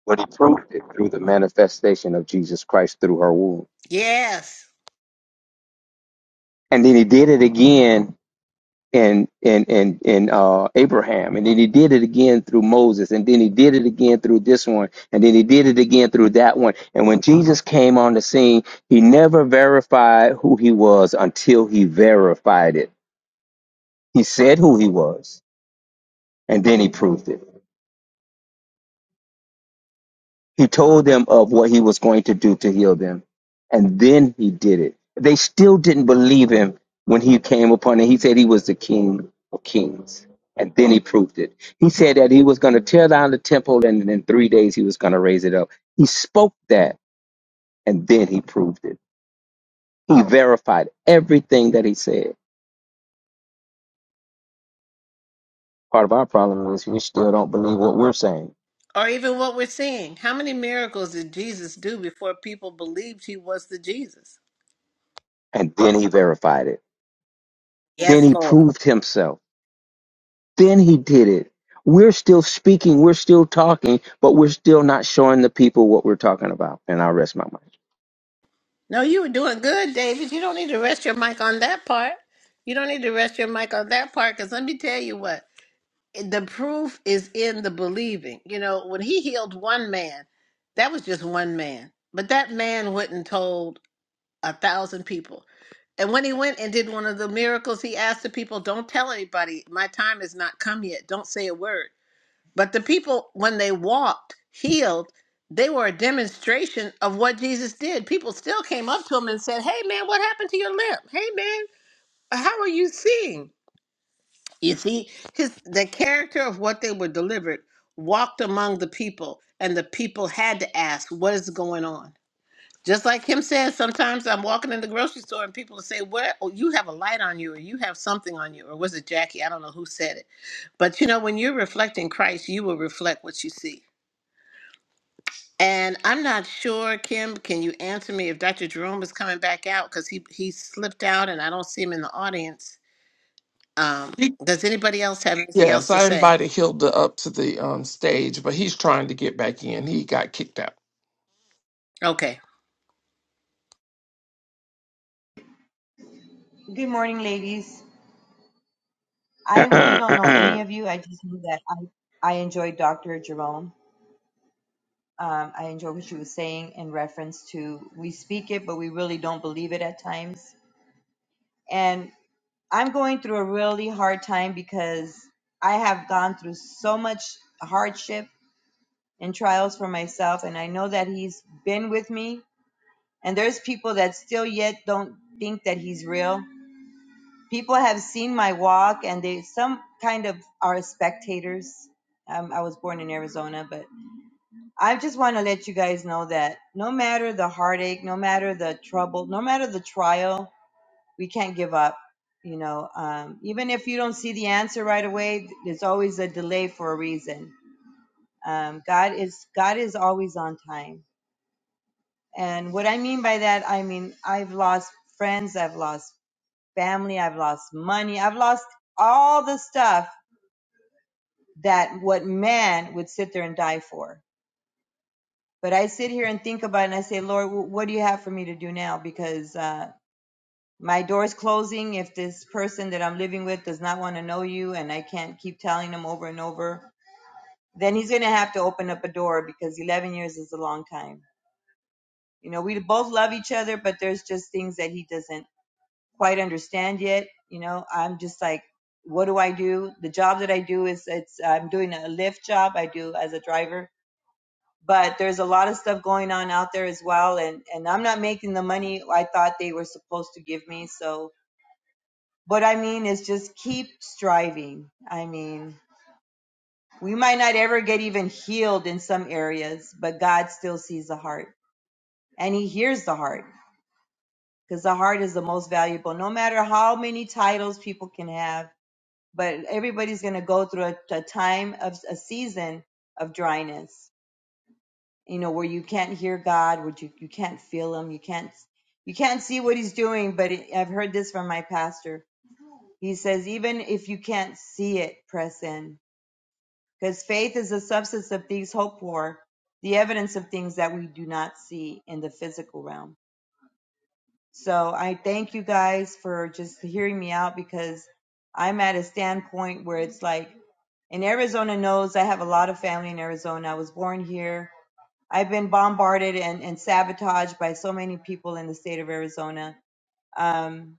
but he proved it through the manifestation of Jesus Christ through her womb. yes. And then he did it again in in in in uh, Abraham, and then he did it again through Moses, and then he did it again through this one, and then he did it again through that one. And when Jesus came on the scene, he never verified who he was until he verified it. He said who he was, and then he proved it. He told them of what he was going to do to heal them, and then he did it. They still didn't believe him when he came upon it. He said he was the king of kings, and then he proved it. He said that he was going to tear down the temple, and in three days he was going to raise it up. He spoke that, and then he proved it. He verified everything that he said. Part of our problem is we still don't believe what we're saying. Or even what we're seeing. How many miracles did Jesus do before people believed he was the Jesus? And then he verified it. Then Yes, he Lord. proved himself Then he did it. We're still speaking, we're still talking, but we're still not showing the people what we're talking about. And I'll rest my No, you were doing good, David. You don't need to rest your mic on that part. You don't need to rest your mic on that part because let me tell you what the proof is in the believing. You know, when he healed one man, that was just one man, but that man went and told a thousand people. And when he went and did one of the miracles, he asked the people, Don't tell anybody, my time has not come yet. Don't say a word. But the people, when they walked healed, they were a demonstration of what Jesus did. People still came up to him and said, Hey man, what happened to your limp? Hey man, how are you seeing? You see, his the character of what they were delivered walked among the people, and the people had to ask, What is going on? Just like him says, sometimes I'm walking in the grocery store and people will say, What oh, you have a light on you, or you have something on you, or was it Jackie? I don't know who said it. But you know, when you're reflecting Christ, you will reflect what you see. And I'm not sure, Kim, can you answer me if Dr. Jerome is coming back out? Because he, he slipped out and I don't see him in the audience. Um, He- does anybody else have anything Yes, else to I say? invited Hilda up to the um, stage, but he's trying to get back in. He got kicked out. Okay. Good morning, ladies. I really don't know mind. any of you. I just knew that I, I enjoyed Dr. Jerome. Um, I enjoyed what she was saying in reference to we speak it, but we really don't believe it at times. And I'm going through a really hard time because I have gone through so much hardship and trials for myself. And I know that he's been with me. And there's people that still yet don't think that he's real. people have seen my walk and they some kind of are spectators um, i was born in arizona but i just want to let you guys know that no matter the heartache no matter the trouble no matter the trial we can't give up you know um, even if you don't see the answer right away there's always a delay for a reason um, god is god is always on time and what i mean by that i mean i've lost friends i've lost family i've lost money i've lost all the stuff that what man would sit there and die for. But I sit here and think about it and I say, Lord, what do you have for me to do now? Because uh, my door is closing. If this person that I'm living with does not want to know you and I can't keep telling him over and over, then he's going to have to open up a door because 11 years is a long time. You know, we both love each other, but there's just things that he doesn't quite understand yet. You know, I'm just like, what do I do? The job that I do is it's I'm doing a Lyft job. I do as a driver but there's a lot of stuff going on out there as well and and I'm not making the money I thought they were supposed to give me so what I mean is just keep striving I mean we might not ever get even healed in some areas but God still sees the heart and he hears the heart because the heart is the most valuable no matter how many titles people can have but everybody's going to go through a, a time of a season of dryness you know where you can't hear god where you, you can't feel him you can't you can't see what he's doing but it, i've heard this from my pastor he says even if you can't see it press in because faith is the substance of things hoped for the evidence of things that we do not see in the physical realm so i thank you guys for just hearing me out because i'm at a standpoint where it's like and arizona knows i have a lot of family in arizona i was born here I've been bombarded and, and sabotaged by so many people in the state of Arizona. Um,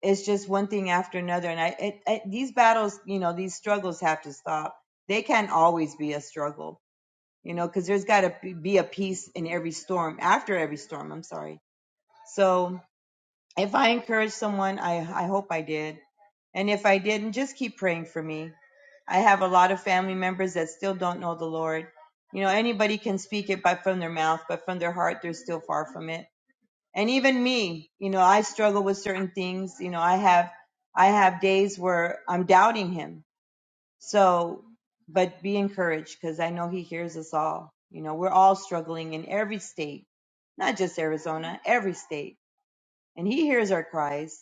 it's just one thing after another. And I, it, it, these battles, you know, these struggles have to stop. They can't always be a struggle, you know, because there's got to be be a peace in every storm, after every storm. I'm sorry. So, if I encouraged someone, I, I hope I did. And if I didn't, just keep praying for me. I have a lot of family members that still don't know the Lord. You know, anybody can speak it by from their mouth, but from their heart, they're still far from it. And even me, you know, I struggle with certain things. You know, I have, I have days where I'm doubting Him. So, but be encouraged because I know He hears us all. You know, we're all struggling in every state, not just Arizona, every state, and He hears our cries.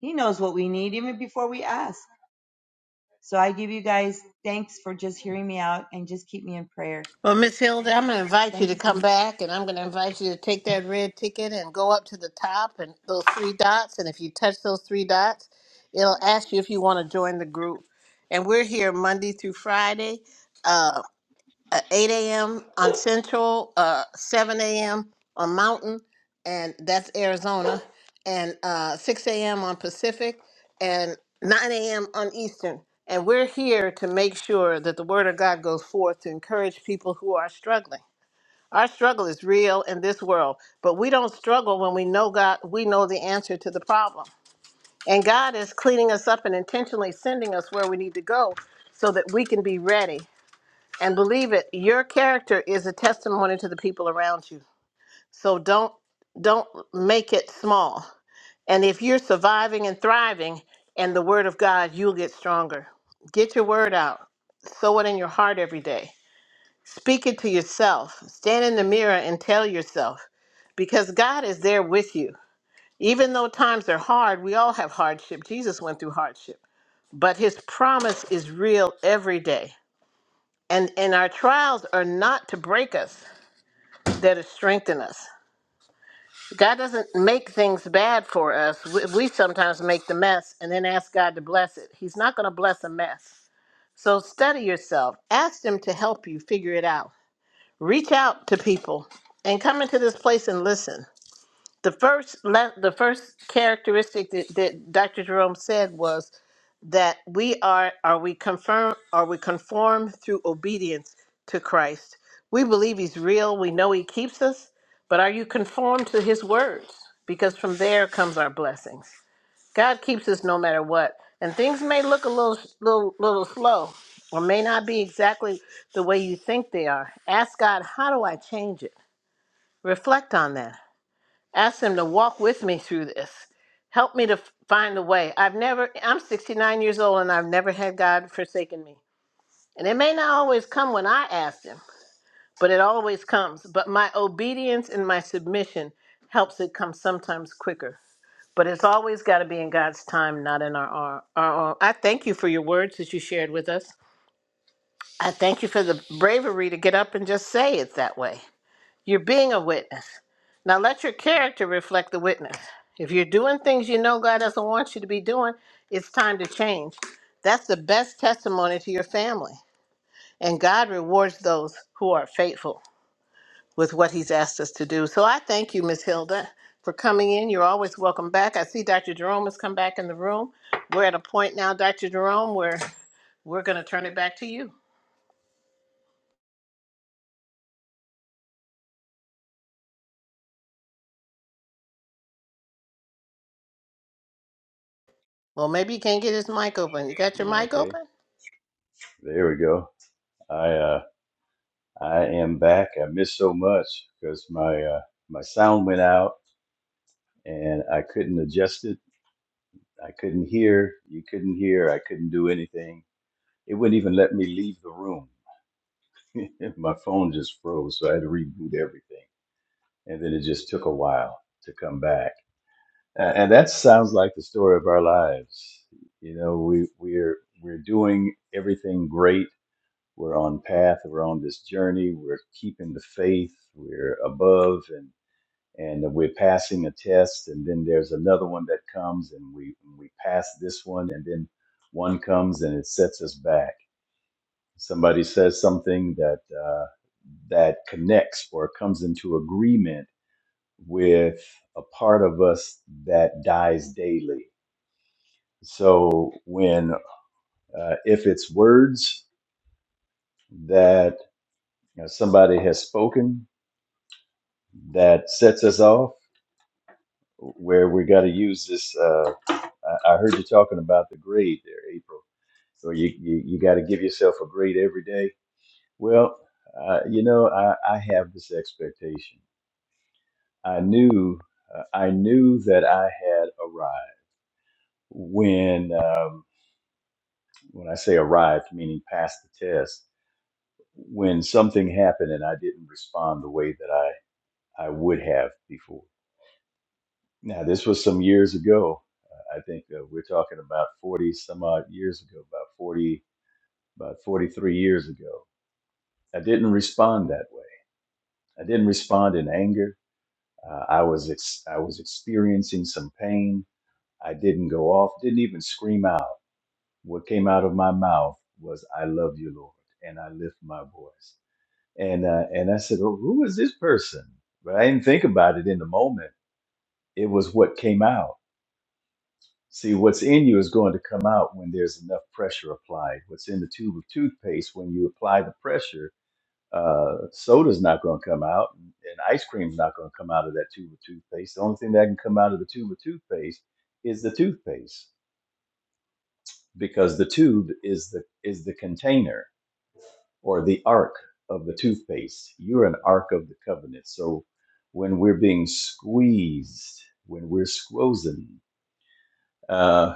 He knows what we need even before we ask. So I give you guys thanks for just hearing me out and just keep me in prayer. Well, Miss Hilda, I'm going to invite you Thank to you so much. come back and I'm going to invite you to take that red ticket and go up to the top and those three dots. And if you touch those three dots, it'll ask you if you want to join the group. And we're here Monday through Friday. uh, uh, 8 a.m. on Central, uh, 7 a.m. on Mountain, and that's Arizona, and uh, 6 a.m. on Pacific, and 9 a.m. on Eastern. And we're here to make sure that the Word of God goes forth to encourage people who are struggling. Our struggle is real in this world, but we don't struggle when we know God, we know the answer to the problem. And God is cleaning us up and intentionally sending us where we need to go so that we can be ready and believe it your character is a testimony to the people around you so don't don't make it small and if you're surviving and thriving and the word of god you'll get stronger get your word out sow it in your heart every day speak it to yourself stand in the mirror and tell yourself because god is there with you even though times are hard we all have hardship jesus went through hardship but his promise is real every day and and our trials are not to break us that'll strengthen us. God doesn't make things bad for us. We, we sometimes make the mess and then ask God to bless it. He's not going to bless a mess. So study yourself. Ask Him to help you figure it out. Reach out to people and come into this place and listen. The first le- the first characteristic that, that Dr. Jerome said was that we are are we confirm are we conform through obedience to Christ. We believe he's real, we know he keeps us, but are you conformed to his words? Because from there comes our blessings. God keeps us no matter what. And things may look a little little little slow or may not be exactly the way you think they are. Ask God, how do I change it? Reflect on that ask them to walk with me through this. Help me to f- find a way. I've never, I'm 69 years old and I've never had God forsaken me. And it may not always come when I ask Him, but it always comes. But my obedience and my submission helps it come sometimes quicker. But it's always got to be in God's time, not in our, our, our own. I thank you for your words that you shared with us. I thank you for the bravery to get up and just say it that way. You're being a witness. Now let your character reflect the witness. If you're doing things you know God doesn't want you to be doing, it's time to change. That's the best testimony to your family. And God rewards those who are faithful with what He's asked us to do. So I thank you, Miss Hilda, for coming in. You're always welcome back. I see Dr. Jerome has come back in the room. We're at a point now, Dr. Jerome, where we're going to turn it back to you. Well, maybe you can't get his mic open. You got your tomorrow. mic Okay, open? there we go. I uh, I am back. I missed so much because my uh, my sound went out and I couldn't adjust it I couldn't hear. You couldn't hear. I couldn't do anything. It wouldn't even let me leave the room. My phone just froze, so I had to reboot everything. And then it just took a while to come back. Uh, and that sounds like the story of our lives. You know, we we're we're doing everything great. We're on path. We're on this journey. We're keeping the faith. We're above and. and we're passing a test and then there's another one that comes and we we pass this one and then one comes and it sets us back somebody says something that uh, that connects or comes into agreement with a part of us that dies daily so when uh, if it's words that you know, somebody has spoken that sets us off where we got to use this Uh, I, I heard you talking about the grade there, April. So you you, you got to give yourself a grade every day. Well, uh, you know, I, I have this expectation. I knew uh, I knew that I had arrived when um, when I say arrived, meaning passed the test. When something happened and I didn't respond the way that I I would have before. Now this was some years ago. Uh, I think uh, we're talking about forty some odd years ago, about 40, about 43 years ago. I didn't respond that way. I didn't respond in anger. Uh, I was ex- I was experiencing some pain. I didn't go off. Didn't even scream out. What came out of my mouth was "I love you, Lord," and I lift my voice. And uh, and I said, well, "Who is this person?" But I didn't think about it in the moment. It was what came out. See, what's in you is going to come out when there's enough pressure applied. What's in the tube of toothpaste when you apply the pressure Uh, soda's not going to come out, and ice cream's not going to come out of that tube of toothpaste. The only thing that can come out of the tube of toothpaste is the toothpaste, because the tube is the is the container or the ark of the toothpaste. You're an ark of the covenant. So when we're being squeezed, when we're squozen, uh,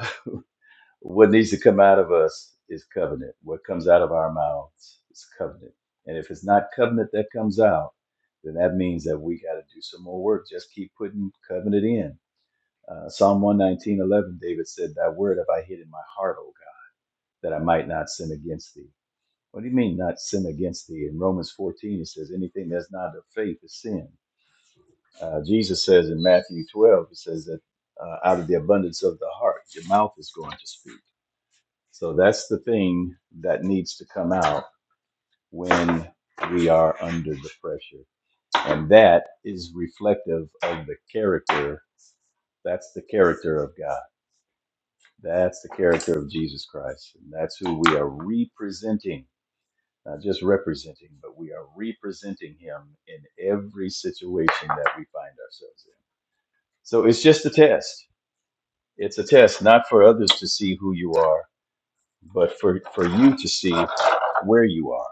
What needs to come out of us is covenant. What comes out of our mouths is covenant. And if it's not covenant that comes out, then that means that we got to do some more work. Just keep putting covenant in. Uh, Psalm one nineteen eleven, David said, Thy word have I hid in my heart, O God, that I might not sin against thee. What do you mean, not sin against thee? In Romans 14, it says, Anything that's not of faith is sin. Uh, Jesus says in Matthew 12, it says that uh, out of the abundance of the heart, your mouth is going to speak. So that's the thing that needs to come out when we are under the pressure. And that is reflective of the character. That's the character of God. That's the character of Jesus Christ. And that's who we are representing, not just representing, but we are representing him in every situation that we find ourselves in. So it's just a test. It's a test, not for others to see who you are, but for, for you to see where you are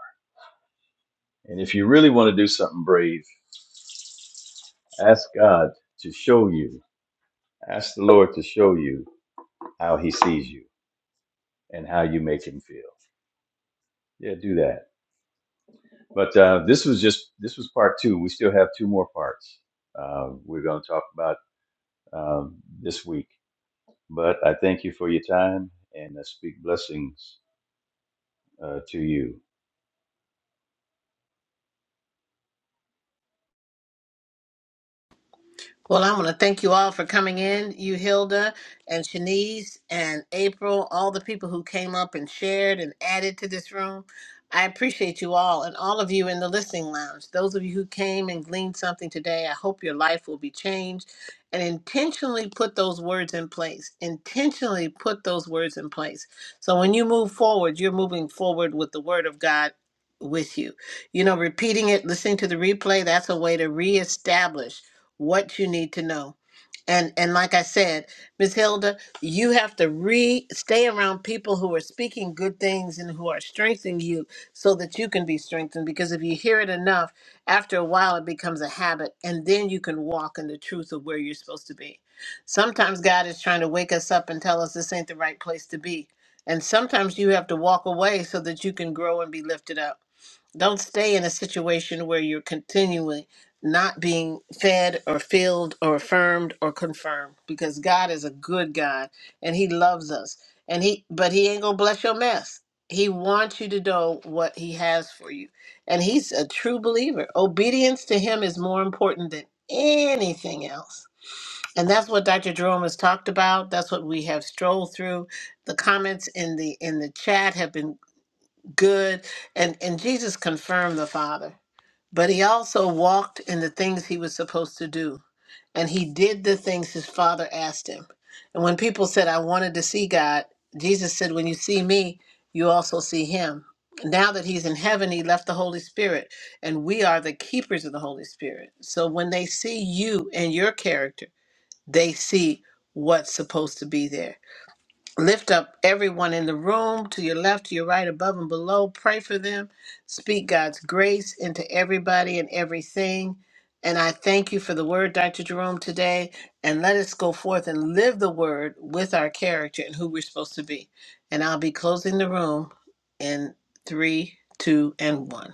And if you really want to do something brave, ask God to show you. Ask the Lord to show you how He sees you and how you make Him feel. Yeah, do that. But uh, this was just this was part two. We still have two more parts. Uh, we're going to talk about um, this week. But I thank you for your time and I speak blessings uh, to you. Well, I want to thank you all for coming in, you Hilda and Shanice and April, all the people who came up and shared and added to this room. I appreciate you all and all of you in the listening lounge. Those of you who came and gleaned something today, I hope your life will be changed and intentionally put those words in place. Intentionally put those words in place. So when you move forward, you're moving forward with the word of God with you. You know, repeating it, listening to the replay, that's a way to reestablish what you need to know. And and like I said, Miss Hilda, you have to re stay around people who are speaking good things and who are strengthening you so that you can be strengthened because if you hear it enough, after a while it becomes a habit and then you can walk in the truth of where you're supposed to be. Sometimes God is trying to wake us up and tell us this ain't the right place to be. And sometimes you have to walk away so that you can grow and be lifted up. Don't stay in a situation where you're continually not being fed or filled or affirmed or confirmed because God is a good God and he loves us. And he but he ain't going to bless your mess. He wants you to know what he has for you. And he's a true believer. Obedience to him is more important than anything else. And that's what Dr. Jerome has talked about. That's what we have strolled through. The comments in the in the chat have been good and and Jesus confirmed the father but he also walked in the things he was supposed to do and he did the things his father asked him and when people said I wanted to see God Jesus said when you see me you also see him now that he's in heaven he left the holy spirit and we are the keepers of the holy spirit so when they see you and your character they see what's supposed to be there Lift up everyone in the room to your left, to your right, above and below. Pray for them. Speak God's grace into everybody and everything. And I thank you for the word, Dr. Jerome, today. And let us go forth and live the word with our character and who we're supposed to be. And I'll be closing the room in three, two, and one.